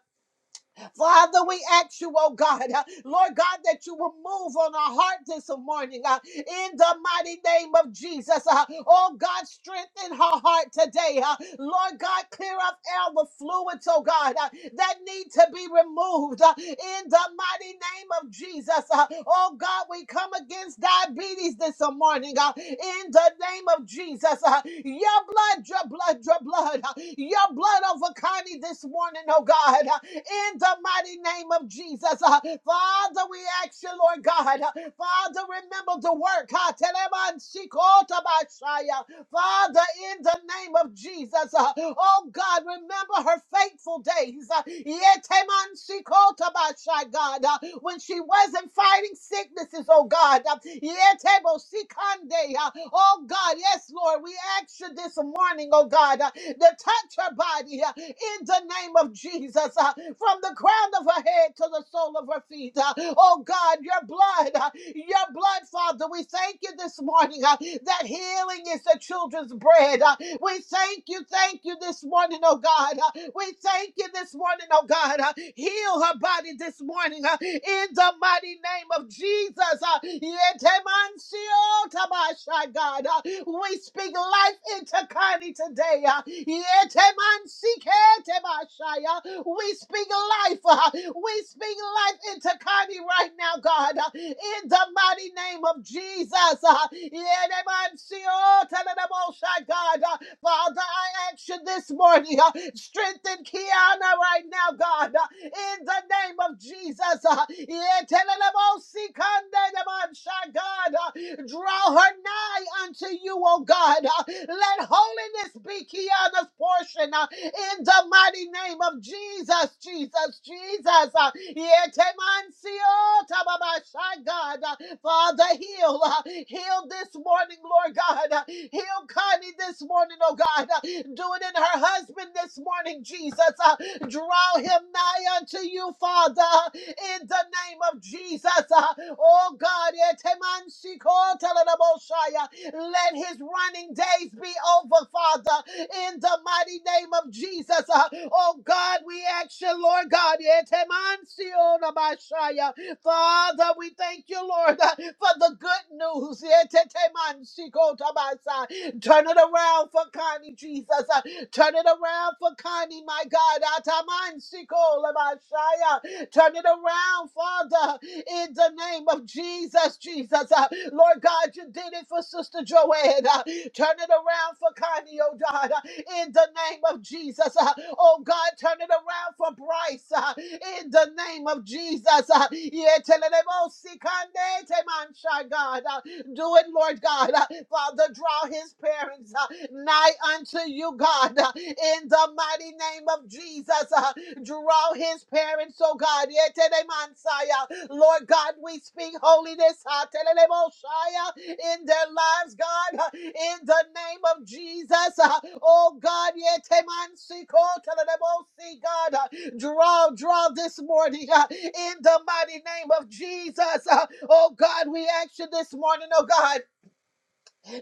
Speaker 3: Father, we ask you, oh God, uh, Lord God, that you will move on our heart this morning uh, in the mighty name of Jesus. uh, oh God, strengthen her heart today. uh, Lord God, clear up all the fluids, oh God, uh, that need to be removed uh, in the mighty name of Jesus. uh, oh God, we we come against diabetes this morning, God, in the name of Jesus. uh, Your blood, your blood, your blood, uh, your blood over Connie this morning, oh God, uh, in the mighty name of Jesus. uh, Father, we ask you, Lord God, uh, Father, remember the work. uh, Telemansikota Bashaya. Father, in the name of Jesus, uh, oh God, remember her faithful days. uh, Yetemansikotabashai, God, uh, when she wasn't fighting sicknesses, oh God. uh, Yetebosikande, uh, Oh God, yes, Lord, we ask you this morning, oh God, uh, to touch her body uh, in the name of Jesus. Jesus, uh, from the crown of her head to the sole of her feet. uh, Oh God, your blood, uh, your blood, Father, we thank you this morning uh, that healing is the children's bread. uh, We thank you, thank you this morning, oh God. uh, We thank you this morning, oh God. uh, Heal her body this morning uh, in the mighty name of Jesus uh, Yetemansio Tabasha, God. uh, We speak life into Connie today. uh, Yetemansike Tabasha, uh, We speak life. uh, We speak life into Connie right now, God. uh, In the mighty name of Jesus. uh, Yetemansio Tadadabosha, God. Father, I ask you this morning, uh, strengthen Kiana right now, God, uh, in the name of Jesus. uh, Yetelelebosikandelebansha, God, uh, draw her nigh unto you, O God. uh, Let holiness be Kiana's portion uh, in the mighty name of Jesus, Jesus, Jesus. uh, Yetemansiotababasha, God, uh, Father, heal. uh, Heal this morning, Lord God. uh, Heal Connie this morning, oh God. uh, Do it in her husband this morning, Jesus. uh, Draw him nigh unto you, Father, uh, in the name of Jesus. uh, Oh God, etemansikoteleboshaya, let his running days be over, Father, in the mighty name of Jesus. uh, Oh God, we ask you, Lord God, etemansiyonabashaya, Father, we thank you, Lord, uh, for the good news. Etetemanshikotabasa. Turn it around for Connie, Jesus. Uh, Turn it around for Connie, my God. Atamansikolabashaya. Turn it around, Father, in the name of Jesus, Jesus. Uh, Lord God, you did it for Sister Joanne. Uh, Turn it around for Connie, oh God, uh, in the name of Jesus. Uh, Oh God, turn it around for Bryce, uh, in the name of Jesus. Uh, yeah, tell it about Sikande Temansha, God. Uh, Do it, Lord God. Uh, Father, draw his parents uh, nigh unto you, God, uh, in the mighty name of Jesus. Uh, Draw his parents, oh God. Yetelemansaya. Lord God, we speak holiness ah, telelemosaya, in their lives, God, ah, in the name of Jesus. ah. Oh God, yetemansiko telelemosi, God, ah, draw, draw this morning ah, in the mighty name of Jesus. ah. Oh God, we ask you this morning, oh God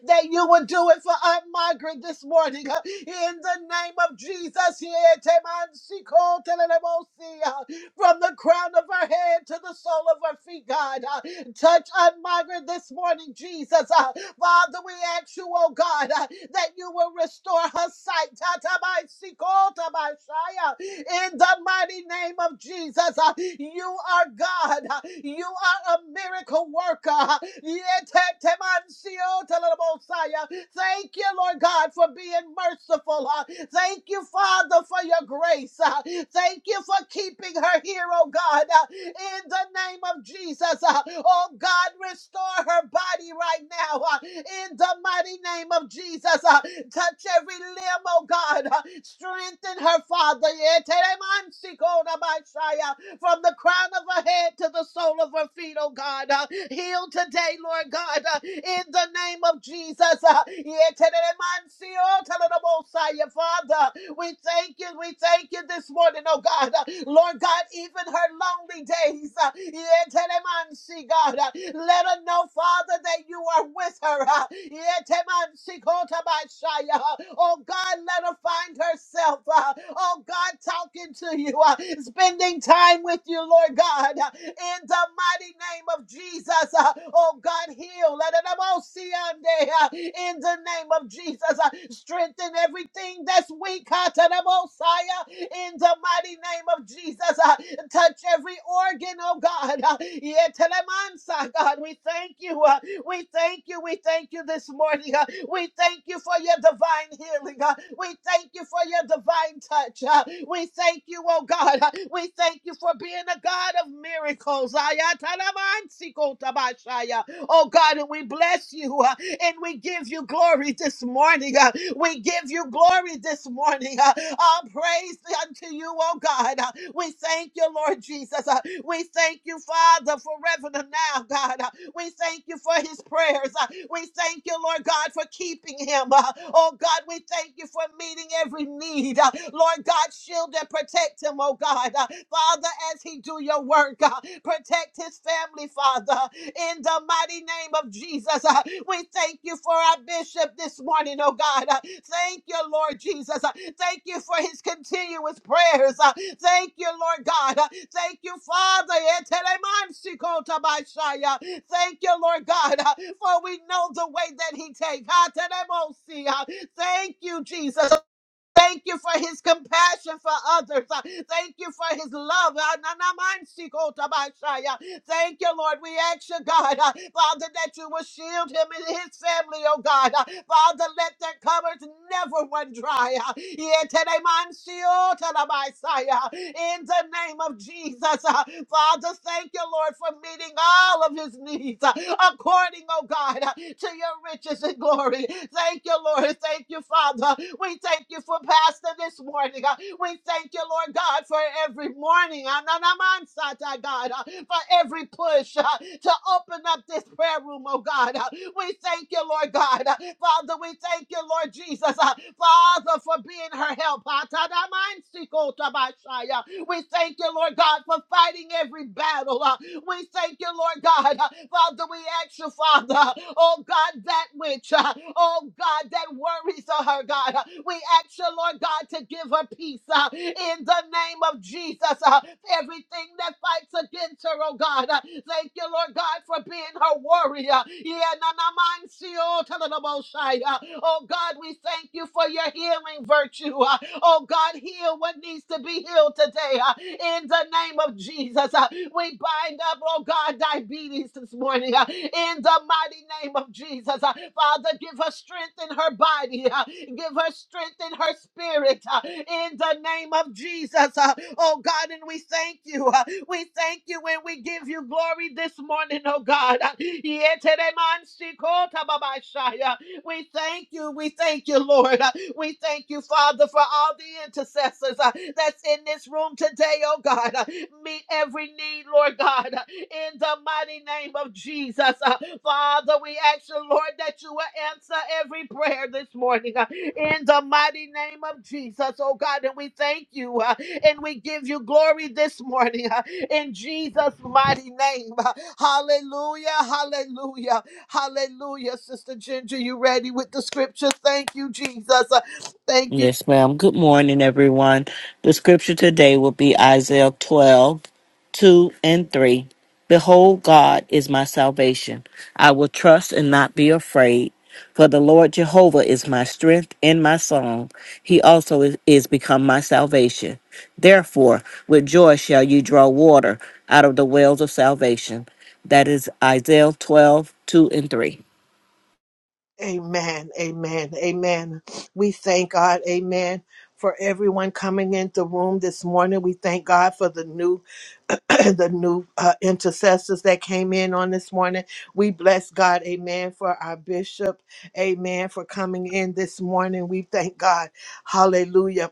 Speaker 3: that you would do it for Aunt Margaret this morning. uh, In the name of Jesus, yeah, Teman Siko Telelebosi, uh, from the crown of her head to the sole of her feet, God. uh, Touch Aunt Margaret this morning, Jesus. uh, Father, we ask you, oh God, uh, that you will restore her sight. Tatabaisikotabashaya. In the mighty name of Jesus, uh, you are God. uh, You are a miracle worker. uh, Yetetemansiotalabosaya. Thank you, Lord God, for being merciful. uh, Thank you, Father, for your grace. Uh, Thank you for keeping her here, oh God, uh, in the name of Jesus. Uh, Oh God, restore her body right now uh, in the mighty name of Jesus. Uh, Touch every limb, oh God. Uh, Strengthen her, Father. Yeah, Teremansi Kodabashaya from the crown of her head to the sole of her feet, oh God. Uh, heal today, Lord God, uh, in the name of Jesus. Uh, Yeteremansiotelebosaya. Father, we thank you, we thank you this morning, oh God. Uh, Lord God, even her lonely days, uh, Yeteremansi, God, uh, let her know, Father, that you are with her. uh, Yetemansikotobashaya. Oh God, let her find herself. Uh, uh, oh God, talking to you, uh, spending time with you, Lord God, uh, in the mighty name of Jesus, uh, oh God, heal, Let it all see on day, uh, in the name of Jesus, uh, strengthen everything that's weak, uh, to the Messiah, in the mighty name of Jesus, uh, touch every organ, oh God, uh, yeah, to the Mansa, God, we thank you, uh, we thank you. We thank you this morning. uh, We thank you for your divine healing. uh, We thank you for your divine touch. uh, We thank you, oh God. uh, We thank you for being a God of miracles. Oh God, and we bless you uh, and we give you glory this morning. uh, We give you glory this morning. uh, All praise unto you, oh God. Uh, We thank you, Lord Jesus. Uh, We thank you, Father, for forever now, God. We thank you for his prayers. Uh, We thank you, Lord God, for keeping him. Uh, Oh God, we thank you for meeting every need. Uh, Lord God, shield and protect him, oh God. Uh, Father, as he do your work, uh, protect his family, Father. In the mighty name of Jesus, uh, we thank you for our bishop this morning, oh God. Uh, Thank you, Lord Jesus. Uh, Thank you for his continuous prayers. Uh, Thank you, Lord God. Uh, Thank you, Father. Thank you, Lord God, uh, for we know the way that He takes. Thank you, Jesus. Thank you for his compassion for others. Uh, Thank you for his love. Uh, na- na- si- Thank you, Lord. We ask you, God, uh, Father, that you will shield him and his family, oh God. Uh, Father, let their cupboards never run dry. Uh, yeah, today, man, shield to the Messiah. uh, In the name of Jesus, uh, Father, thank you, Lord, for meeting all of his needs uh, according, oh God, uh, to your riches and glory. Thank you, Lord. Thank you, Father. We thank you for Pastor this morning. uh, we thank you, Lord God, for every morning, Ananamansata, God, uh, for every push uh, to open up this prayer room, oh God. Uh, We thank you, Lord God. Uh, Father, we thank you, Lord Jesus, uh, Father, for being her help. Atanamansikota bashaya. We thank you, Lord God, for fighting every battle. uh, we thank you, Lord God. Uh, Father, we ask you, Father, oh God, that which, uh, oh God, that worries her, God. Uh, We ask you, Lord God, to give her peace uh, in the name of Jesus. Uh, Everything that fights against her, oh God. Uh, Thank you, Lord God, for being her warrior. Yeah, na- na- man, see, Oh, tell her the most high. Uh, oh God, we God, we thank you for your healing virtue. Uh, Oh God, heal what needs to be healed today. uh, In the name of Jesus, Uh, we bind up, oh God, diabetes this morning. uh, In the mighty name of Jesus, Uh, Father, give her strength in her body. uh, Give her strength in her spirit. uh, In the name of Jesus, Uh, oh God, and we thank you. uh, We thank you and we give you glory this morning, oh God. Uh, we thank you. We thank you, Lord. Uh, We thank you, Father, for all the intercessors uh, that's in this room today, oh God. Uh, Meet every need, Lord God, uh, in the mighty name of Jesus. Uh, Father, we ask you, Lord, that you will answer every prayer this morning uh, in the mighty name of Jesus, oh God. And we thank you uh, and we give you glory this morning uh, in Jesus' mighty name. Uh, Hallelujah. Hallelujah. Hallelujah, Sister Ginger. You ready with the scripture? Thank you, Jesus. Uh, Thank you.
Speaker 5: Yes, ma'am. Good morning, everyone. The scripture today will be Isaiah 12, 2 and 3. Behold, God is my salvation. I will trust and not be afraid. For the Lord Jehovah is my strength and my song. He also is, is become my salvation. Therefore, with joy shall you draw water out of the wells of salvation. That is Isaiah 12, 2 and 3.
Speaker 3: Amen. Amen. Amen. We thank God. Amen. For everyone coming in the room this morning, we thank God for the new, the new uh, intercessors that came in on this morning. We bless God, Amen, for our bishop, Amen, for coming in this morning. We thank God, Hallelujah,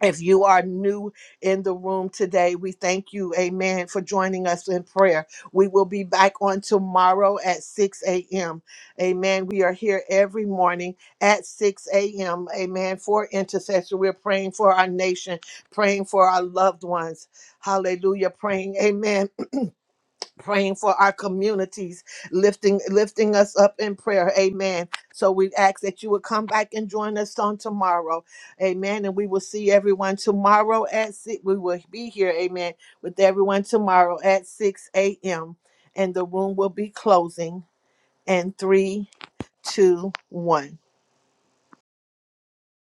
Speaker 3: If you are new in the room today, we thank you, amen, for joining us in prayer. We will be back on tomorrow at 6 a.m. Amen. We are here every morning at 6 a.m. Amen. For intercession, we're praying for our nation, praying for our loved ones. Hallelujah. Praying, amen praying for our communities, lifting lifting us up in prayer. Amen. So we ask that you would come back and join us on tomorrow. Amen. And we will see everyone tomorrow at six. We will be here, amen, with everyone tomorrow at 6 a.m. And the room will be closing in three, two, one.